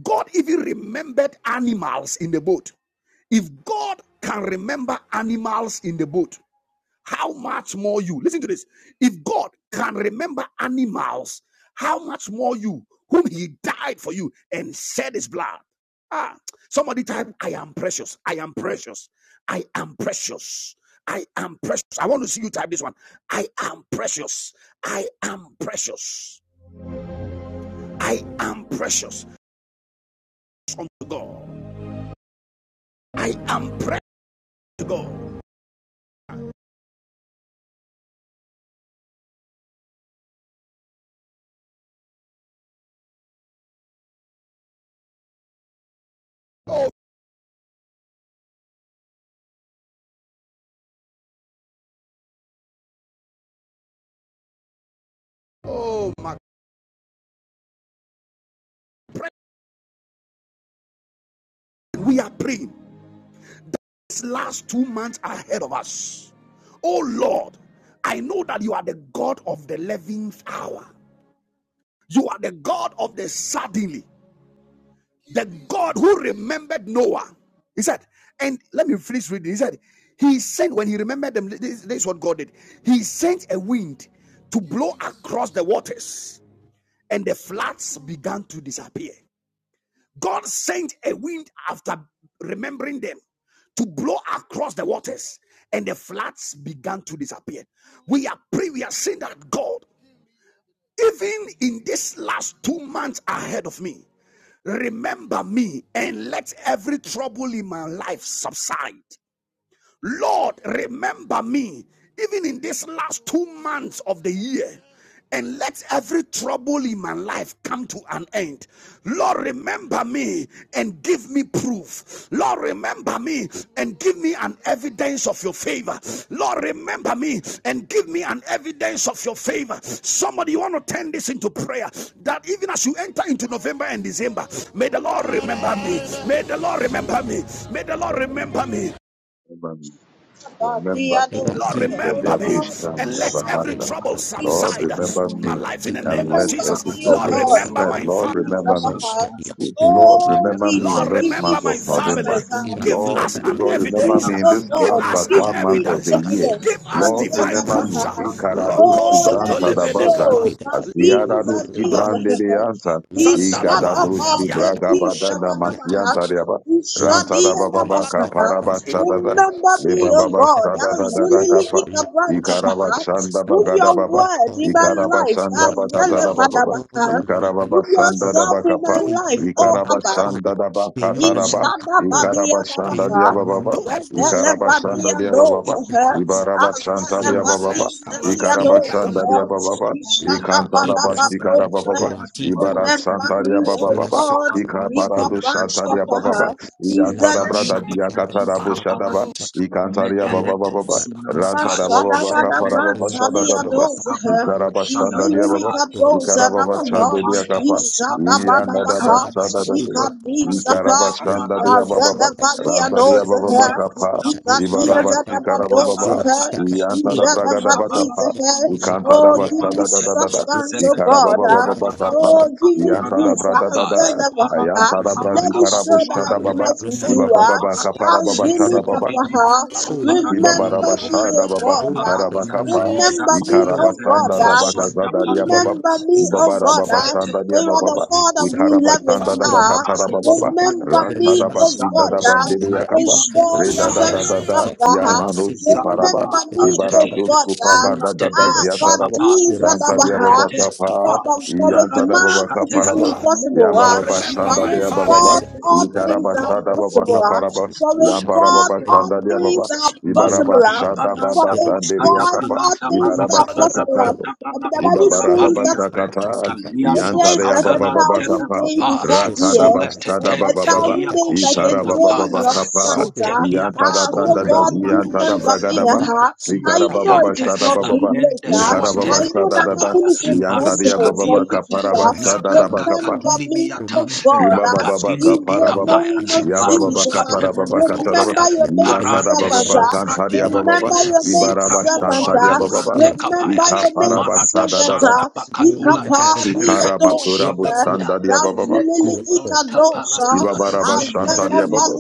A: God even remembered animals in the boat. If God can remember animals in the boat, how much more you? Listen to this. If God can remember animals, how much more you, whom He died for you and shed His blood? Ah, somebody type, I am precious. I am precious. I am precious. I am precious. I want to see you type this one. I am precious. I am precious. I am precious unto God. I am precious to God. Oh, oh my. Pray. We are praying. These last two months ahead of us. Oh Lord, I know that you are the God of the 11th hour. You are the God of the suddenly, the God who remembered Noah. He said, and let me finish reading. He said, He sent, when he remembered them, this, this is what God did. He sent a wind to blow across the waters, and the floods began to disappear. God sent a wind after remembering them to blow across the waters, and the floods began to disappear. We are praying, we are saying that God, even in this last two months ahead of me, remember me and let every trouble in my life subside. Lord, remember me even in this last two months of the year and let every trouble in my life come to an end. Lord, remember me and give me proof. Lord, remember me and give me an evidence of your favor. Lord, remember me and give me an evidence of your favor. Somebody, you want to turn this into prayer that even as you enter into November and December, may the Lord remember me. May the Lord remember me. May the Lord remember me.
G: Oh
C: remember me
A: Lord,
D: Rati,
C: in the
H: Ora
A: remember
H: Baba
A: me
C: devil
G: Lord,
H: Baba
C: stand
A: and
C: da
G: remember
A: let
G: me.
A: every
C: bahata
D: Ela,
H: Sabana
A: trouble
D: Kata,
C: Lord
D: Yasta,
A: subside
C: remember
A: in
D: Yasta,
A: my
C: me
A: life in
D: Rati,
A: the name
C: and
A: of
C: let
D: Maraska,
C: every
A: Jesus.
D: the
A: Lord,
C: trouble
D: Raska,
A: remember
C: subside
D: Dabra,
A: my
C: Lord
A: family.
D: Tapa,
C: remember me
D: the Yasta,
C: Lord,
D: Rati,
C: remember me in
A: Lord,
C: this
A: remember
C: month
A: my
C: of
D: Taraska,
A: family.
C: November.
D: Ira
A: Give
C: Lord,
A: us
D: ita
A: an
D: na
C: God,
D: nasi.
C: remember me in
A: evidence.
C: this
A: Give
C: last
D: Ira
A: us
C: but
A: an
C: one
D: tapa
C: month of the
A: evidence.
C: year.
D: kadia.
A: Give us
H: Let
C: Lord,
D: No
H: that
A: divine
H: be
C: remember me.
A: proofs.
H: so
D: remember
H: proud
D: my
A: Roko
C: Ikaradosi
D: only
C: branta
D: hope.
C: da
A: sotolemene
C: baza.
A: kapa.
D: May the Lord remember my
C: Asiaradosi
D: love
C: brande
D: once
C: de
D: more.
C: anta.
D: Let's suffer
A: Sandalaba.
D: and
C: Ikadadosi
D: let's
C: di
D: keep up
A: Yandala.
C: braga
D: our
C: badana
D: shadow.
C: masianta riaba. Ranta da
D: Electors,
C: baba baka
D: Alaska,
C: paraba
D: Alaska,
C: shada da.
D: Alaska,
C: Le baba ba shada da da
D: Alaska,
C: da
G: Azulili
D: Beach,
C: kapa.
D: Alaska,
G: ikabranta
C: Ikaraba
G: paha.
C: shanda
D: Alaska,
G: Prove
C: bagada
G: your
D: Beach,
C: baba.
G: word in
D: Alaska,
G: my
C: Ikaraba
G: life.
C: shanda
D: Alaska,
C: bagada
G: Azele
C: da
A: Lord,
D: Beach.
C: baba.
D: Oh
G: vadabaha.
D: Lord, you remember
C: Ikaraba
G: Prove
D: us, oh
C: shanda
D: Lord.
C: da
G: yourself in
C: bakapa.
G: my
A: do
D: May
G: life.
D: you
G: Oh
D: remember
G: Abba.
D: us, oh
C: Ikarabashanda
D: Lord.
C: daba
D: May you
C: kataraba.
D: remember us, oh
G: Ishadabadia
D: Lord.
A: it.
D: May
C: Ikarabashanda
D: you remember
C: diababa.
A: Do it.
D: us, oh Lord. Let
C: Ikarabashanda
G: Regelevadia
D: us
G: knows
D: keep
C: diababa.
D: the
G: her.
D: right in the cup.
C: Ibarabashanda
D: Alaska,
C: diababa.
A: Lemia
G: Azelevadia
H: Skabarate,
D: Alaska,
G: knows
A: kapa.
C: Ikarabashanda
G: her.
H: Sundabros
C: diababa.
H: Kabarata,
D: Laka
G: Ishadabadaba
D: ibras,
C: Ikantarabashi
G: knows
D: rati
H: Zovelete,
C: karababa.
G: her.
H: Kadimakos
D: felak,
G: Remember
C: Ibarasanta
G: me,
H: Kadavelete,
G: O
C: diababa.
D: lasa
G: God.
D: tegat,
C: Ikaparado
H: Kagundibiakos
C: shanta
G: Ikabrantapa
D: laka
C: diababa.
D: stan,
H: Kadabarata,
G: her.
D: laka
C: Iantarabrada
D: shan,
H: Zalunde
D: laka
H: Vretis
C: diakatarabu shadaba.
D: shan,
H: Kaparadis,
C: Ikantaria
H: Legede
D: Lekofa
C: baba.
D: lakaski
H: Sunamata,
D: fendo
C: Rantarababa
G: Shadabada
D: shadia.
H: Zedmen
C: kaparababa
D: Lakata
G: Brantalia
D: lakata
C: shadadaba.
H: Sefaradis
G: Dozer,
H: Kabaratu
D: lakata
C: Ikarabashanda diababa.
H: Shadadaha,
G: Ivililica
D: lakata
G: Dozer
C: Ikarabashanda
G: Nabaha,
D: lakata
H: Hanta
C: diakapa.
D: lakaski.
H: Boska
C: Iya
G: Ishadabada
H: Baradia
C: nada
H: Tana
G: Baha,
D: Lakata
C: basanda da
H: Makubele
C: da.
H: di
D: ikapa
G: Ikadiz
D: laski
C: İkara
G: Apa,
H: Malakubele di
D: fendo
C: basanda diya
H: Malakos
C: baba
D: difera
C: ba.
G: Azelavalia
H: Kubelete.
D: laskata
C: Ranta diya baba ba
H: Ya
G: Dozer,
D: laskata
C: kapa.
H: Fronda
D: shadia.
H: Boska
C: İbara
G: Ikadiz
D: Lakata
H: Barata
C: basi kara
H: Branda
C: baba ba.
G: Adabadozer,
H: Banataya.
D: laskata
C: İyanta
H: Ya
C: da
D: ikapa laskata
C: braga da
H: Boska
C: ba
G: Izelevadiz.
C: kapa.
H: Barati Malatu
C: İkanta da
G: Oh,
H: Baladi
G: give
D: lakata
G: me
C: basada da
H: Malate.
C: da da da.
G: substance, oh
H: Zega di
C: İkara
H: di
C: baba
H: di
G: God.
C: baba ba
H: Yanda
D: laskata ikapa
C: kapa.
G: Oh, give
H: Banakubaka
G: me
C: İyanta
H: Branda
C: da
D: laskata
G: proof.
C: brada
G: As
C: da
H: Makapa.
G: the
C: da.
G: level,
H: Harapa di
C: Ayanta da
D: Remember
G: let
C: brazi
G: it
H: Pamakaba
D: us.
C: kara
G: show that
D: Oh
C: busta
G: I
C: da
H: Buakate de
C: baba.
D: Lord,
G: met with
H: Vineme
G: you.
D: remember
C: İba
D: me.
C: baba
G: ah.
C: ba
H: Kopanadia.
C: kapara
G: As
D: Oh,
C: baba
G: the
C: sada
D: Remember
H: Zega
D: me.
G: liquor,
C: baba.
H: di di
D: Remember
H: di
D: me.
G: ah,
D: Oh Lord,
H: Lekopanati
D: remember
H: Neme
G: remember
D: my life.
G: me,
C: Ibabarabasha
H: Kovrene
G: oh
D: Oh
G: God.
D: Lord,
G: ah.
H: Mekopakadia.
D: remember my
C: dababasutarabakapa,
G: Remember
D: neighbors.
G: me,
A: Remember.
H: Zakonda
D: Oh
G: oh
D: Lord,
G: God.
C: Ikarabasanda
H: Verete
D: remember
G: ah.
D: my life.
H: Shanda
C: dabakazadaria
H: Parada
C: baba,
G: Remember me, oh
D: Lakapiteski
G: God.
H: Zahusta
G: ah.
H: Tete
C: Ibabarababasanda
D: faruka.
G: For you are the
C: diababa,
H: Predusta
G: God of the
D: Remember
G: eleven.
D: us,
C: Ikarabasanda
G: Ah,
H: Ate
D: O
C: dabakatarababa,
D: God.
G: remember
H: Zovalate
G: me,
D: Remember
G: oh
D: us, O
C: Ratadabasida
G: God.
D: God.
G: ah,
H: Zakoskovra
C: dabandiria
D: Let
G: And
H: Dima
D: all
C: kapa,
G: show
D: feathers
C: Reda
D: be
C: da
D: fed.
G: yourself
C: da
H: Muskatetea
C: da
D: Let
C: da,
G: stronger. ah.
C: Yamanos
D: seek the run. Let
C: kuparaba,
H: Zapapa
G: Remember me,
D: the
G: oh
H: Natete
C: Ibaratos
D: prophet.
G: God. ah.
C: kupapa
H: Sola
C: da
D: Let
C: da
D: the
C: da
H: Tete
G: Ah,
D: kadosh. Let
G: God,
C: ziataraba,
H: Papapa
D: the
G: these are the
C: Yanta
D: rampage. let
H: Son
C: diababa
G: Baha.
H: Tete
D: karantaski
C: kapa,
H: Papa
G: But, but for with
C: Yanta
D: fadosh.
G: man
C: dababa
G: it
H: Paraduskate
G: is
C: kaparaba,
H: Lepo
G: impossible.
D: Oh
G: ah.
A: Lord,
D: Lord,
C: Yababa
A: remember
G: but
C: shanda
A: my
G: with
D: remember
A: family.
C: diababa,
G: God
H: let
D: me
H: it be
G: all
H: a
D: and
G: things
D: my
G: are
A: Call
H: movie that
C: Ikarabasada baba
H: goes
G: possible.
H: up.
G: ah.
C: kaparaba,
G: for with
H: Man, you
G: God
C: Yambarababa
H: scared of
G: all
C: shanda
G: things
C: diababa,
H: everything.
G: are
H: Man,
G: possible.
C: Ibaraba
G: ah.
H: brata
C: Shada
G: for
H: bananda,
C: Baba
G: with
H: puskada
C: Sanderia
G: God
C: Kapa,
G: all
H: bananda,
G: things
C: Ibaraba
G: are
H: banaka bada
G: possible.
C: Sakatara,
G: ah.
H: branda,
G: But the
H: banako
G: Bible says
C: Ibaraba
H: balia.
G: that
C: Sakata,
G: a
H: Taliandos
G: day is
C: Yantarea
G: like a
C: Baba Baba
H: kabelante
G: thousand
C: Kapa,
G: days
H: bekopa.
G: before the
C: Ratada
H: Zulete
G: year,
C: Bastada
G: and a
C: Baba
H: tente
C: Baba,
G: thousand
H: kia
G: days like a
H: kosanda
C: Ikaraba
G: day in
H: paya.
C: Baba
G: your
C: Kapa,
G: sight.
H: Zunte
G: Ah,
H: kia
C: Yantada
G: ah so
C: Brada,
H: tuskovre
G: God
H: duma
C: Yantada
H: duse.
G: remember me.
C: Bragadaba,
G: Ah,
H: Lika
D: family.
G: I
H: dundi
D: Father,
C: Ikaraba
G: know
C: Baba
G: it
D: remember
H: biante.
G: is
C: Shada
D: us,
G: not
D: oh
G: too
D: Lord.
C: Baba,
G: late.
H: Alende
D: May
G: Ah,
D: you
C: Ikaraba
G: I
A: Lucas,
D: remember
H: swatende
G: know
D: us,
C: Shada
G: that
D: oh
C: Dada,
D: God,
G: nothing
H: kapaya.
D: in this
C: Yantaria
G: impossible.
H: Varuska
D: last
C: Baba
H: diakate.
C: Kapa, Raba
D: remember
C: Shada
D: us and my
C: Baba
H: Nagaga
D: family
H: Dunimiata.
D: Remember in
C: Iba
D: my
C: para
D: first,
H: Ragatindi
C: para
D: remember
C: baba.
H: bikapaya,
D: in my
C: ya
D: last
C: baba
D: life,
C: baka
H: varuska
D: the
C: para
D: love of
C: baba
H: devele
C: kataraba.
H: kopaya,
D: Feraskalia,
C: ya
D: the love
C: tara
D: of
H: parante
C: baba baka
H: sopra
D: Feraska,
C: antaria
D: the love
C: baba
H: dimate,
C: baba.
D: of Maraska,
C: ibara
D: the
H: zibra
D: love of
C: baştan taria
H: kofanda
C: baba
D: Shakalia, the
H: brante
C: baba.
D: love of
H: kapaya,
D: that,
C: İka
D: the
C: para
D: love
H: marata
C: başta da
D: of
C: da da.
H: shanda
D: You remember
H: bakadulate,
D: the love so
C: ikara
H: reko
D: much
C: matura
D: in
H: shanda
D: this love,
H: mataya,
C: Ibabababakaparababa. Yabababakaparababacataraba. Yatarabababakantariabababa. Ibarabastantariabababa. Ikaparabastadadada. Ikaramaturabustandariyabababa.
D: the
H: leko
D: love of
H: vranta
D: Peter, as
H: paradia,
D: Peter was studying the
H: lekedini
C: Ibabarabastantariababa.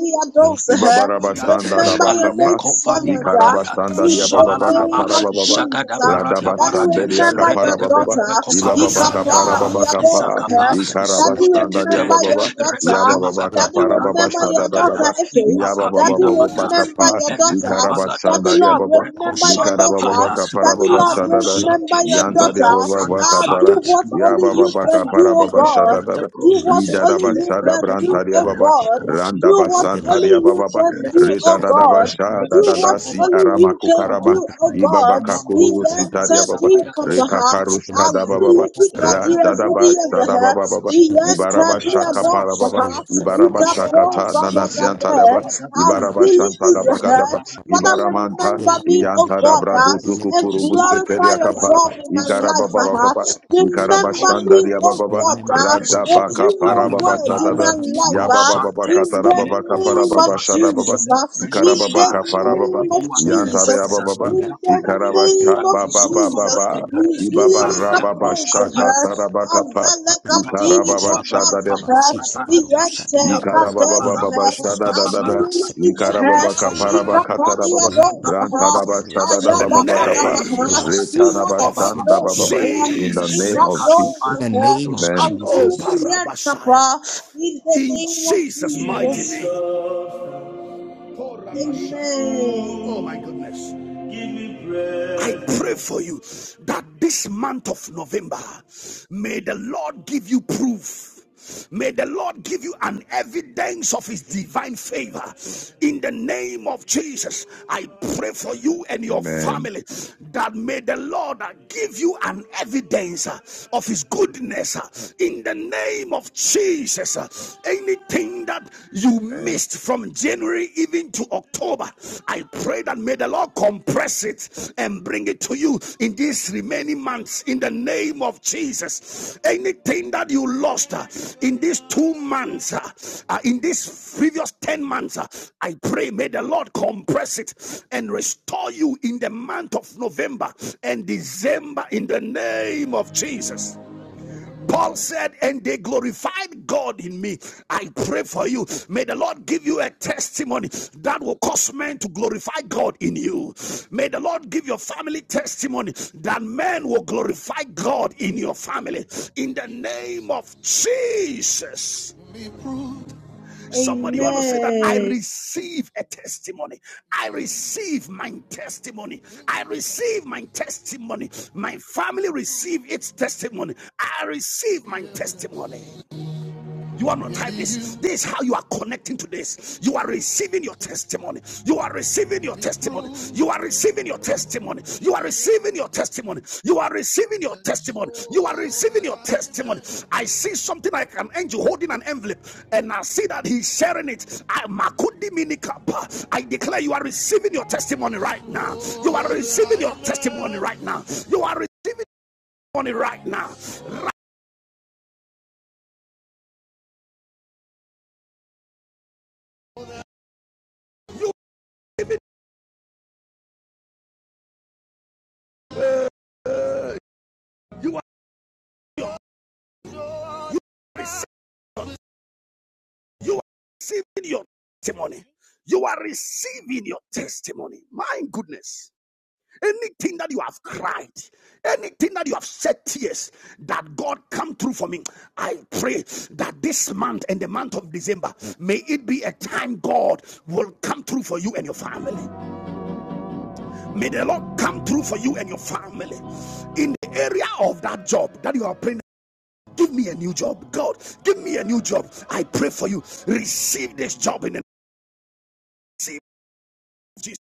D: love of
H: yate,
C: Ibabarabashanda
D: Shakalia,
C: Rabakapa,
H: aleko
D: the love
H: vani
D: of
H: mataya,
D: Feraska,
C: Ikarabashanda
D: the love of Peter, the love of
C: Yababaka
D: Peter,
H: shalalaba,
C: Parababa,
D: the love of
H: jagadavarada
D: Peter, the love of Peter, the love of Peter,
C: Radabasanda
H: barate,
D: the love of Peter, the love of
C: Yakaparababa,
H: regedevebe
C: Ibababaka Parababakapa,
H: Zagapa
C: Ikarabashanda
H: Zuatetetente
C: Yabababa,
D: Peter,
H: Rekadima
D: the love
C: Yabababaka
D: of
H: Katata Brando
C: Parababashada
D: Peter,
H: Banataya
C: Dada,
H: Ipa Kabina Mata
C: Yabababakapa,
H: Ipeneko Valate
C: Ikarabashanda Yababa,
H: Ibreko Sanda
D: La
H: Paya
C: Ikarababaka
D: sita prasec
H: Ipalako
C: Parababashada Dada,
D: ira
H: Sante
D: la
C: Yanta
H: Leko
D: cablex la
H: Vranda
C: Yabababaka
D: sota
C: Para,
H: Paya
D: leva cadia
H: Maladuska
C: Yabababaka
D: la
H: Le
C: Parababashada
D: capaliata
H: vendre
C: Dada,
D: la
H: rosecarte,
D: sota
H: le
D: leva
H: prêt
C: Idadabashada
H: au
D: cadia
C: Branta
H: cartal,
C: Yababa,
D: la
H: le
D: patos
H: petit
C: Randaba
H: paquet de
D: la
H: sornes,
C: Santaria
D: cufer
C: Baba
H: le
D: da
H: disque
C: Rita
D: skipper
H: aux fans,
C: Dadaba
D: la
H: le
C: Sha
H: baba baba
C: Dadada
D: shanti
C: Si
H: baba rose,
D: la
C: Arama
H: le
C: Kukaraba
H: sardana baba,
D: da
H: le
C: Ibaba
D: cover
H: mambran
D: la
C: Kakuru
D: cufer
H: baba, le
C: Sintaria Baba
D: skita
H: baba rose,
D: costa
C: Rika
H: le mambran
C: Karushka
D: la
C: Daba
D: cufer
C: Baba
D: la
H: baba
C: Randadaba
H: rose,
C: Sadaba Baba
H: le
D: sta
H: rose
C: Ibaraba
D: la
C: Shaka
H: cartal,
D: casa
H: le
C: Parababa
H: rose
D: la
H: cartal, le
D: cufer
C: Ibaraba
D: la
H: rose
D: sita
H: cartal,
C: Shakata Nana
H: le disque
C: daba
H: à la
D: ira
H: banque,
C: Ibaraba Shantara
H: le haut
C: Bakadaba
H: parleur de
C: Ibaramanta Iantara Braduzuku Purubu Seteria Kapa
H: la
C: Igaraba Baba
H: banque.
C: Baba Ikaraba Shandaria Baba
D: Remember me,
H: Lekoskabrante,
D: O Lord.
C: Radabaka Parababa
D: Remember me,
H: Lepaiata,
D: O
C: Sadada,
D: Lord. Lack
C: Yabababa
D: of
C: Baba
H: Lekosante,
D: sleep.
C: kaparababa
D: Last step.
C: Baba
H: Lekofapimate,
C: Shada
D: That's
C: Baba
H: Lefrenosa,
C: ikarababa
D: it.
C: Kapara Baba
D: In
H: Lekeduate,
C: yantare yabababa
H: Zarunda Palate,
C: ikaraba shabababa baba Baba
H: Alekovamate,
C: Ba ibaba
H: Zante
C: rababa
H: Ruskapaya,
C: shakataraba kapa ikarababa
H: Rabakoska
C: shadadem
H: barabakoska barata, labroska
C: ikarababa baba Shada
H: barabakoska
C: shadadadada
H: barata,
C: ikarababa
H: rakoska
C: kaparaba
H: barata,
C: katarababa rantaraba
H: rakopayate,
C: Shada Da
A: the
C: Baba Baba kapa
A: name
H: rakapayatuskata,
C: Retanaba
A: of
C: Shanda Baba Baba
H: vahakosente,
C: in the name of
H: lekatu
A: Jesus.
D: the
C: Jesus
D: name of
H: antevroska
C: amen
H: barata.
A: Oh,
D: Jesus.
A: Parabasaya.
G: Papa, in the
A: In
G: name of
A: Jesus' mighty
G: Jesus.
A: name. Oh,
G: Amen.
A: Oh, my goodness. I pray for you that this month of November, may the Lord give you proof. May the Lord give you an evidence of his divine favor. In the name of Jesus, I pray for you and your
C: amen
A: family that may the Lord uh, give you an evidence uh, of his goodness. uh, In the name of Jesus, uh, anything that you miss
C: And
A: missed from January even to October, I pray that may the Lord compress it and bring it to you in these remaining months in the name of Jesus. Anything that you lost uh, in these two months, uh, uh, in these previous 10 months, uh, I pray may the Lord compress it and restore you in the month of November and December in the name of Jesus. Paul said, and they glorified God in me. I pray for you. May the Lord give you a testimony that will cause men to glorify God in you. May the Lord give your family testimony that men will glorify God in your family. In the name of Jesus. Amen. Somebody want to say that I
G: Amen.
A: receive a testimony. I receive my testimony. I receive my testimony. My family receive its testimony. I receive my testimony. You are not type this. This is how you are connecting to this. You are receiving your testimony. You are receiving your testimony. You are receiving your testimony. You are receiving your testimony. You are receiving your testimony. You are receiving your testimony. I see something like an angel holding an envelope, and I see that he's sharing it. I minikapa. I declare you are receiving your testimony right now. You are receiving your testimony right now. You are receiving your testimony right now. you are receiving. You are receiving your testimony. You are receiving your testimony. My goodness. Anything that you have cried, anything that you have shed tears, that God come through for me. I pray that this month and the month of December, may it be a time God will come through for you and your family. May the Lord come through for you and your family. In the area of that job that you are praying give me a new job. God, give me a new job. I pray for you. Receive this job in the name. Jesus.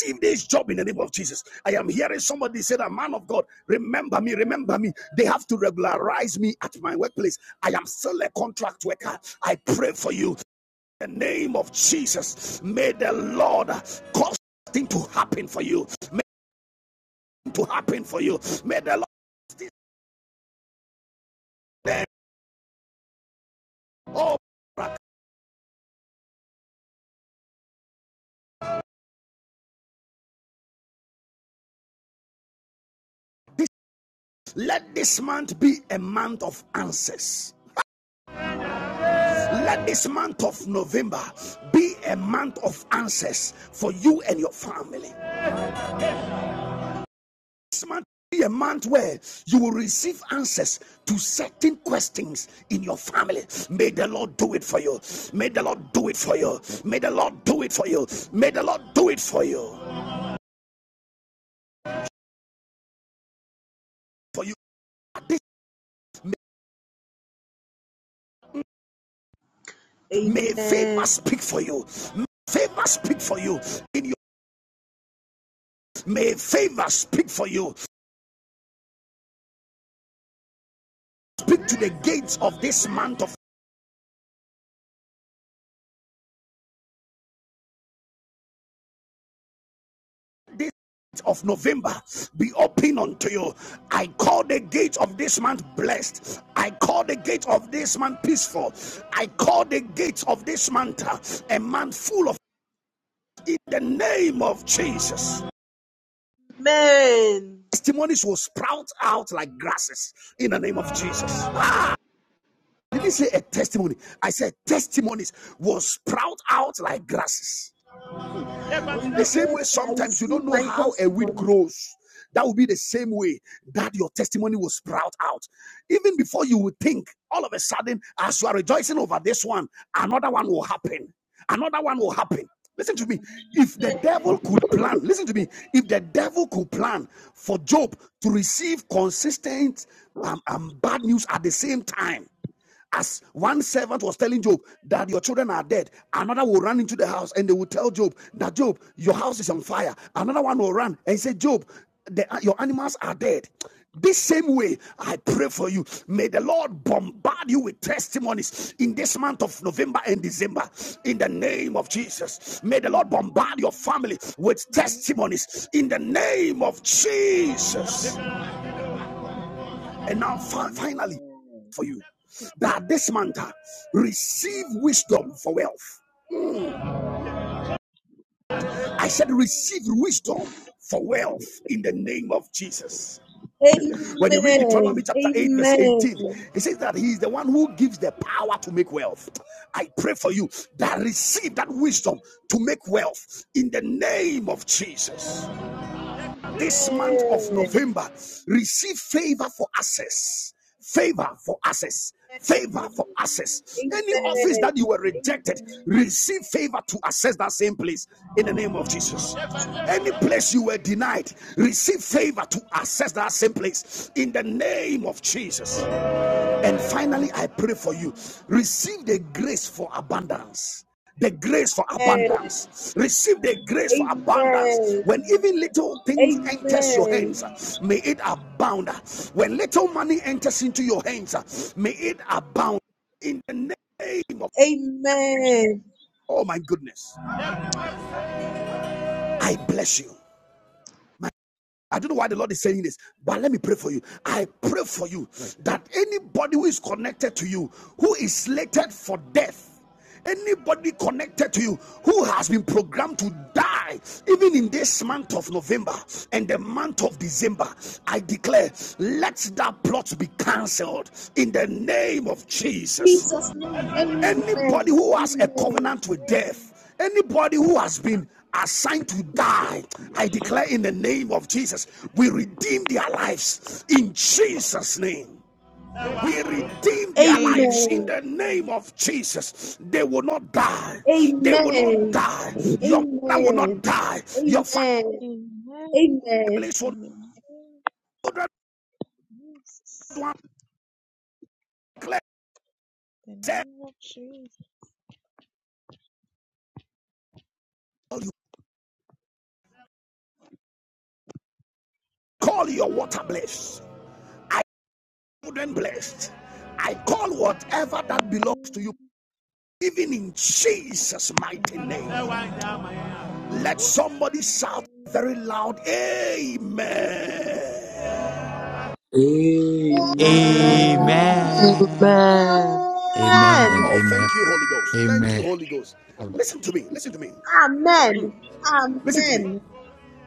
A: Receive this job in the name of Jesus. I am hearing somebody say that man of God, remember me, remember me. They have to regularize me at my workplace. I am still a contract worker. I pray for you. In the name of Jesus, may the Lord cause things to happen for you. May it to happen for you. May the Lord then, oh, let this month be a month of answers. Let this month of November be a month of answers for you and your family. This month be a month where you will receive answers to certain questions in your family. May the Lord do it for you. May the Lord do it for you. May the Lord do it for you. May the Lord do it for you. For you, may favor speak for you. May favor speak for you. In your may favor speak for you. Speak to the gates of this month of this. of November be open unto you. I call the gate of this month blessed. I call the gate of this month peaceful. I call the gate of this month uh, a month full of in the name of Jesus.
G: Amen.
A: Testimonies will sprout out like grasses in the name of Jesus. Ah, did he say a testimony? I said testimonies will sprout out like grasses. The same way
G: Amen. I
A: sometimes you
G: receive
A: don't know
G: my
A: how a weed
G: testimony.
A: grows. That will be the same way that your testimony will sprout out. Even before you would think, all of a sudden, as you are rejoicing over this one, another one will happen. Another one will happen. Listen to me. If the devil could plan, listen to me. If the devil could plan for Job to receive consistent um, um, bad news at the same time, as one servant was telling Job that your children are dead, another will run into the house and they will tell Job that Job, your house is on fire. Another one will run and say, Job, the, your animals are dead. This same way, I pray for you. May the Lord bombard you with testimonies in this month of November and December. In the name of Jesus. May the
I: Amen.
A: Lord bombard your family with
I: Amen. Amen.
A: testimonies in the name of Jesus. And now, finally,
I: Amen.
A: for you, that this month, uh, receive wisdom for wealth. I said, receive wisdom for wealth in the name of Jesus. When you read Deuteronomy
G: Amen. Amen.
A: chapter 8, verse 18,
G: Amen.
A: it says that He is the one who gives the power to make wealth. I pray for you that receive that wisdom to make wealth in the name of
I: Amen.
A: Jesus.
I: Amen.
A: This month of
G: Amen.
I: Amen.
A: November, receive favor for access. Favor for access. Favor for access. Any
I: Amen.
A: office
G: Amen.
A: that you were rejected, receive favor to access that same place in the name of Jesus. Any place you were denied, receive favor to access that same place in the name of Jesus.
I: Amen.
A: And finally, I pray for you. Receive the grace for abundance. The grace for
G: Amen.
A: abundance. Receive the grace for abundance.
G: Amen.
A: When even little things enters your
G: Amen.
A: hands, may it abound. When little money enters into your hands, may it abound. In the name of
I: Amen. Amen.
G: Amen.
A: oh my goodness, I bless you. My I don't know why the Lord is saying this, but let me pray for you. I pray for you that anybody who is connected to you, who is slated for death, anybody connected to you who has been programmed to die, even in this month of November and the month of December, I declare, let that plot be cancelled in the name of Jesus.
G: Jesus' name.
A: Anybody
G: Amen.
A: who has a
G: Amen.
A: covenant with death, anybody who has been assigned to die, I declare in the name of Jesus, we redeem their lives in Jesus' name. We redeem their lives
G: Amen.
A: in the name of Jesus. They will not die. They will not
G: Amen.
A: die. Your mother will not
G: Amen.
A: die. Your
G: Amen. Amen.
A: families will not children will
I: Jesus.
A: not
I: The name of Jesus.
A: You call your water blessed. I wouldn't blessed. I call whatever that belongs to you
I: Amen.
A: Even in Jesus' mighty name,
I: Amen.
A: let somebody shout very
I: Amen.
A: loud, Amen.
B: Amen.
E: Amen.
I: Amen.
D: Amen.
B: Amen.
D: Amen and
A: Oh,
D: amen.
A: thank you, Holy Ghost. Thank you,
D: Amen.
A: Holy Ghost. Listen to me. Listen to me.
G: Amen. Amen.
A: Listen to me.
G: Amen.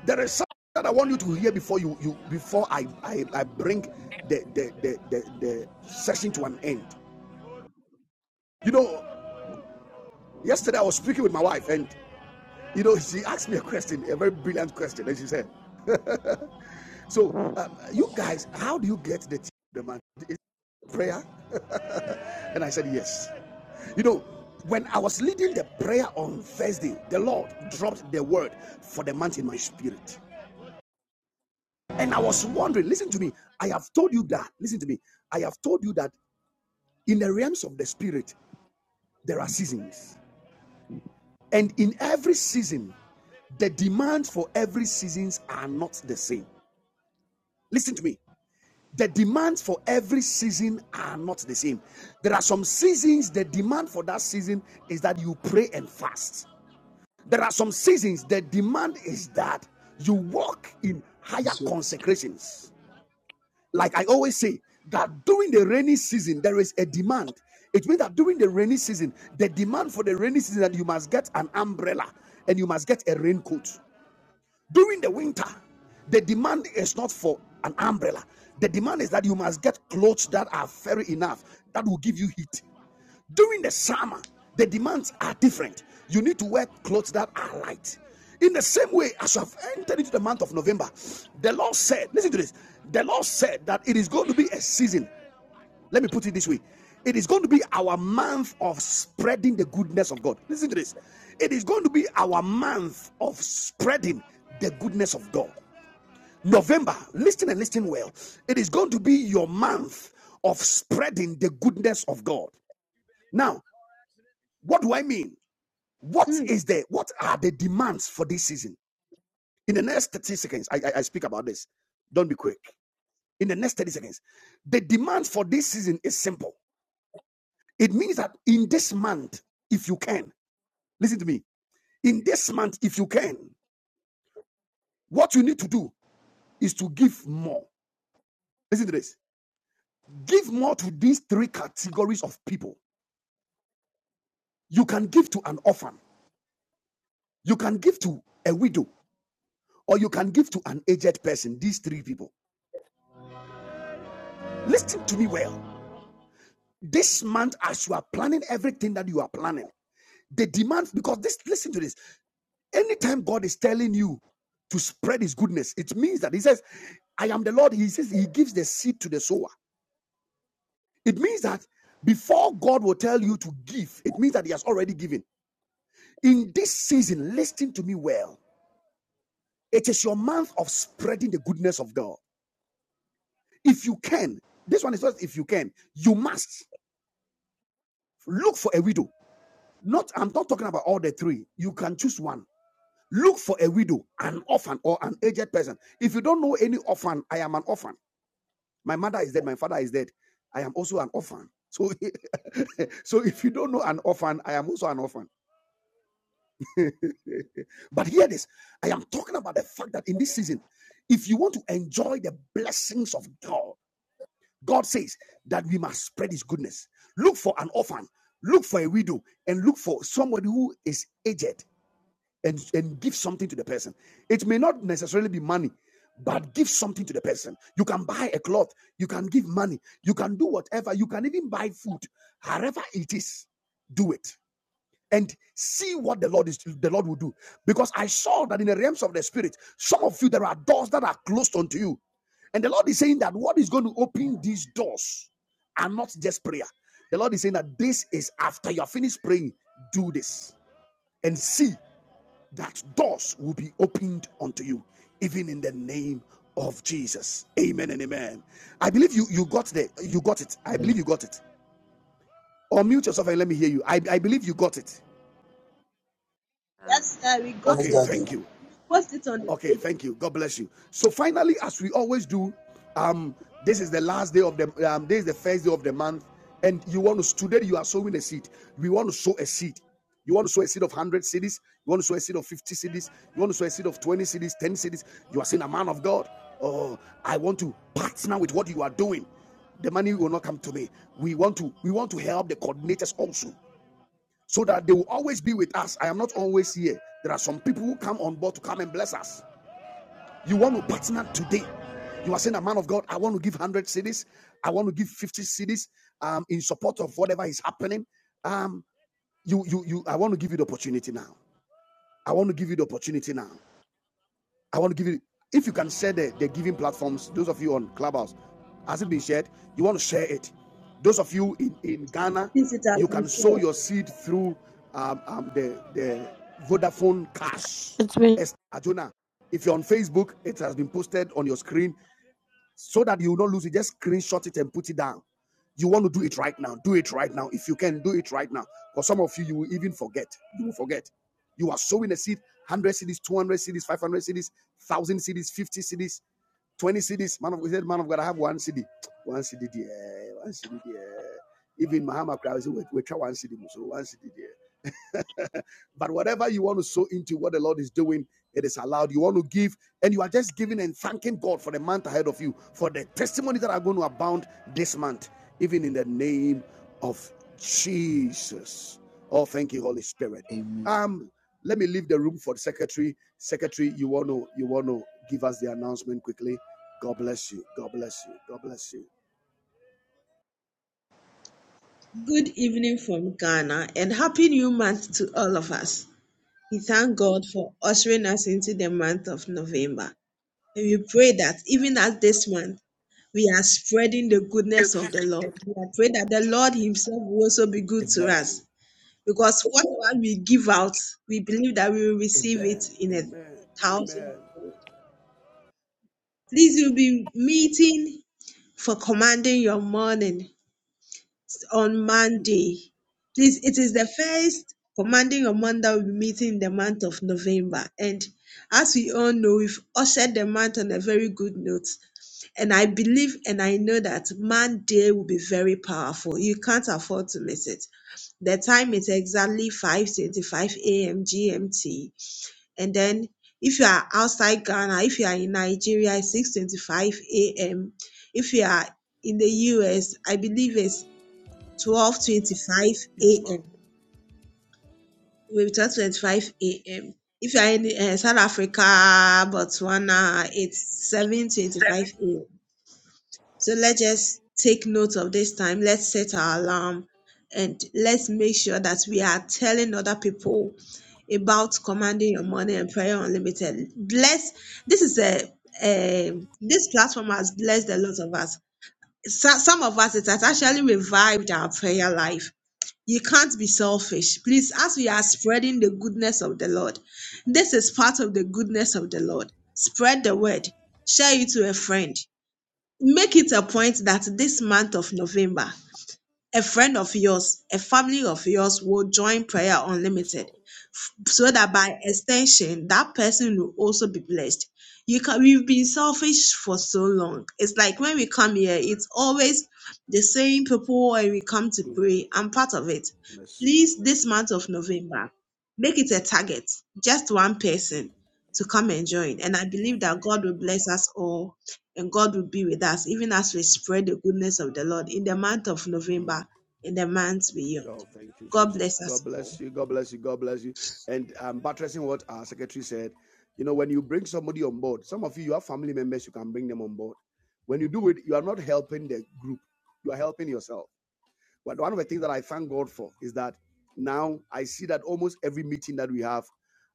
A: There is something that I want you to hear before you, you before I, I, I bring the, the, the, the, the session to an end. You know, yesterday I was speaking with my wife, and you know, she asked me a question, a very brilliant question, and she said, "So, um, you guys, how do you get the team the month? Is it prayer? And I said, Yes. You know, when I was leading the prayer on Thursday, the Lord dropped the word for the month in my spirit. And I was wondering, listen to me, I have told you that, listen to me, I have told you that in the realms of the spirit, there are seasons. And in every season, the demands for every seasons are not the same. Listen to me. The demands for every season are not the same. There are some seasons, the demand for that season is that you pray and fast. There are some seasons the demand is that you walk in higher
E: So,
A: consecrations. Like I always say, that during the rainy season, there is a demand. It means that during the rainy season, the demand for the rainy season that you must get an umbrella and you must get a raincoat. During the winter, the demand is not for an umbrella. The demand is that you must get clothes that are fairy enough that will give you heat. During the summer, the demands are different. You need to wear clothes that are light. In the same way, as you have entered into the month of November, the Lord said, listen to this. The Lord said that it is going to be a season. Let me put it this way. It is going to be our month of spreading the goodness of God. Listen to this. It is going to be our month of spreading the goodness of God. November, listen and listen well. It is going to be your month of spreading the goodness of God. Now, what do I mean? What is the what are the demands for this season? In the next 30 seconds, I, I, I speak about this. Don't be quick. In the next 30 seconds, the demands for this season is simple. It means that in this month, if you can, listen to me. In this month, if you can, what you need to do is to give more. Listen to this. Give more to these three categories of people. You can give to an orphan, you can give to a widow, or you can give to an aged person. These three people. Listen to me well. this month as you are planning everything that you are planning the demand because this listen to this anytime god is telling you to spread his goodness it means that he says i am the lord he says he gives the seed to the sower it means that before god will tell you to give it means that he has already given in this season listen to me well it is your month of spreading the goodness of god if you can this one is not if you can you must look for a widow not i'm not talking about all the three you can choose one Look for a widow, an orphan, or an aged person. If you don't know any orphan, I am an orphan. My mother is dead. My father is dead. I am also an orphan. So, so if you don't know an orphan, I am also an orphan. but hear this I am talking about the fact that in this season, if you want to enjoy the blessings of God, God says that we must spread His goodness. Look for an orphan, look for a widow, and look for somebody who is aged. and, and give something to the person. It may not necessarily be money, but give something to the person. You can buy a cloth, you can give money, you can do whatever, you can even buy food, however it is, do it. And see what the Lord is the Lord will do. Because I saw that in the realms of the spirit, some of you there are doors that are closed unto you. And the Lord is saying that what is going to open these doors are not just prayer. The Lord is saying that this is after you are finished praying, do this and see that doors will be opened unto you, even in the name of Jesus. Amen and amen. I believe you you got the you got it. I believe you got it. Unmute yourself and let me hear you. I, I believe you got it.
E: Yes,
A: Okay,
E: Daddy.
A: thank you. Okay, thank you. God bless you. So finally, as we always do, um, this is the last day of the um, this is the first day of the month, and you want to today you are sowing a seed. We want to sow a seed. You want to sow a seed of one hundred cities. You want to sow a seed of fifty cities. You want to sow a seed of twenty cities, ten cities. You are saying, "A man of God, oh, I want to partner with what you are doing." The money will not come to me. We want to we want to help the coordinators also so that they will always be with us. I am not always here. There are some people who come on board to come and bless us. You want to partner today. You are saying, a man of God, I want to give 100 cities. I want to give 50 cities um, in support of whatever is happening. Um, you, you, you, I want to give you the opportunity now. I want to give you the opportunity now. I want to give you, if you can share the, the giving platforms, those of you on Clubhouse, has it been shared? You want to share it. Those of you in, in Ghana,
G: This it has
A: you
G: been
A: can sow
G: said.
A: your seed through um, um, the, the Vodafone Cash.
B: It's been
A: Esther Ajuna. If you're on Facebook, it has been posted on your screen so that you will not lose it. Just screenshot it and put it down. You want to do it right now. Do it right now. If you can, do it right now. For some of you, you will even forget. You will forget. You are sowing a seed 100 cities, 200 cities, 500 cities, 1,000 cities, 50 cities, 20 cities. Man of, he said, man of God, I have one city. One city there, one city there. Even Mahama Crowd, we, we try one city, so one city there. but whatever you want to sow into what the Lord is doing, it is allowed. You want to give, and you are just giving and thanking God for the month ahead of you, for the testimonies that are going to abound this month, even in the name of Jesus. Oh, thank you, Holy Spirit.
E: Amen.
A: Um, let me leave the room for the secretary. Secretary, you want to you want to give us the announcement quickly. God bless you. God bless you. God bless you. Thank you, ma'am.
G: Pray that the Lord Himself will also be good to
A: Amen.
G: us. Because whatever we give out, we believe that we will receive it
A: Amen.
G: in a
A: Amen.
G: thousand.
A: Amen.
G: Please, you'll be meeting for commanding your morning. on Monday. Please, it is the first commanding your month that we'll be meeting in the month of November. And as we all know, we've ushered the month on a very good note. And I believe and I know that Monday will be very powerful. You can't afford to miss it. The time is exactly 5:25 a.m. GMT. And then if you are outside Ghana, if you are in Nigeria, it's 6:25 a.m. If you are in the US, I believe it's 12:25
A: Yes, ma'am.
G: a.m. It will be 12:25 a.m. If you are in uh, South Africa, Botswana, it's 7:25 a.m. So let's just take note of this time. Let's set our alarm and let's make sure that we are telling other people about commanding your money and prayer unlimited. Bless. This is a, um this platform has blessed a lot of us. So, some of us it has actually revived our prayer life You can't be selfish. Please, as we are spreading the goodness of the Lord, this is part of the goodness of the
A: Mm.
G: Lord. Spread the word, share it to a friend. Make it a point that this month of November, a friend of yours, a family of yours will join Prayer
A: Yes,
G: Unlimited
A: Lord.
G: f- so that by extension, that person will also be blessed. You can, we've been selfish for so long. It's like when we come here, it's always the same people and we come to
A: Mm.
G: pray. I'm part of it.
A: Mercy,
G: Please, this
A: mercy.
G: month of November, make it a target, just one
A: Mm.
G: person to come and join. And I believe that God will bless us all and God will be with us, even as we spread the goodness of the Lord in the month of
A: Mm.
G: November, in the months beyond.
A: Oh, thank you,
G: God
A: Jesus.
G: bless us
A: God
G: all.
A: bless you. God bless you. God bless you. And um, buttressing what our secretary said, you know, when you bring somebody on board, some of you, you have family members, you can bring them on board. When you do it, you are not helping the group, you are helping yourself. But one of the things that I thank God for is that now I see that almost every meeting that we have,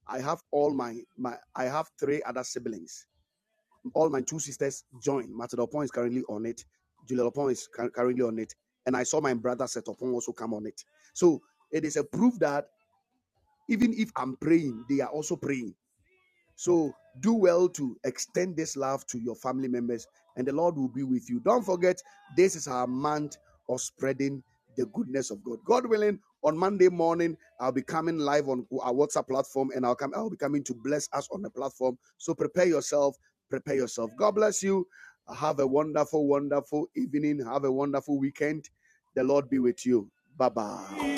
A: I have all my, my I have three other siblings all my two sisters joined. Matadopon is currently on it. Julelopon is currently on it. And I saw my brother Setopon also come on it. So it is a proof that even if I'm praying, they are also praying. So do well to extend this love to your family members, and the Lord will be with you. Don't forget, this is our month of spreading the goodness of God. God willing, on Monday morning, I'll be coming live on our WhatsApp platform, and I'll come. I'll be coming to bless us on the platform. So prepare yourself. Prepare yourself. God bless you. Have a wonderful, wonderful evening. Have a wonderful weekend. The Lord be with you. Bye bye.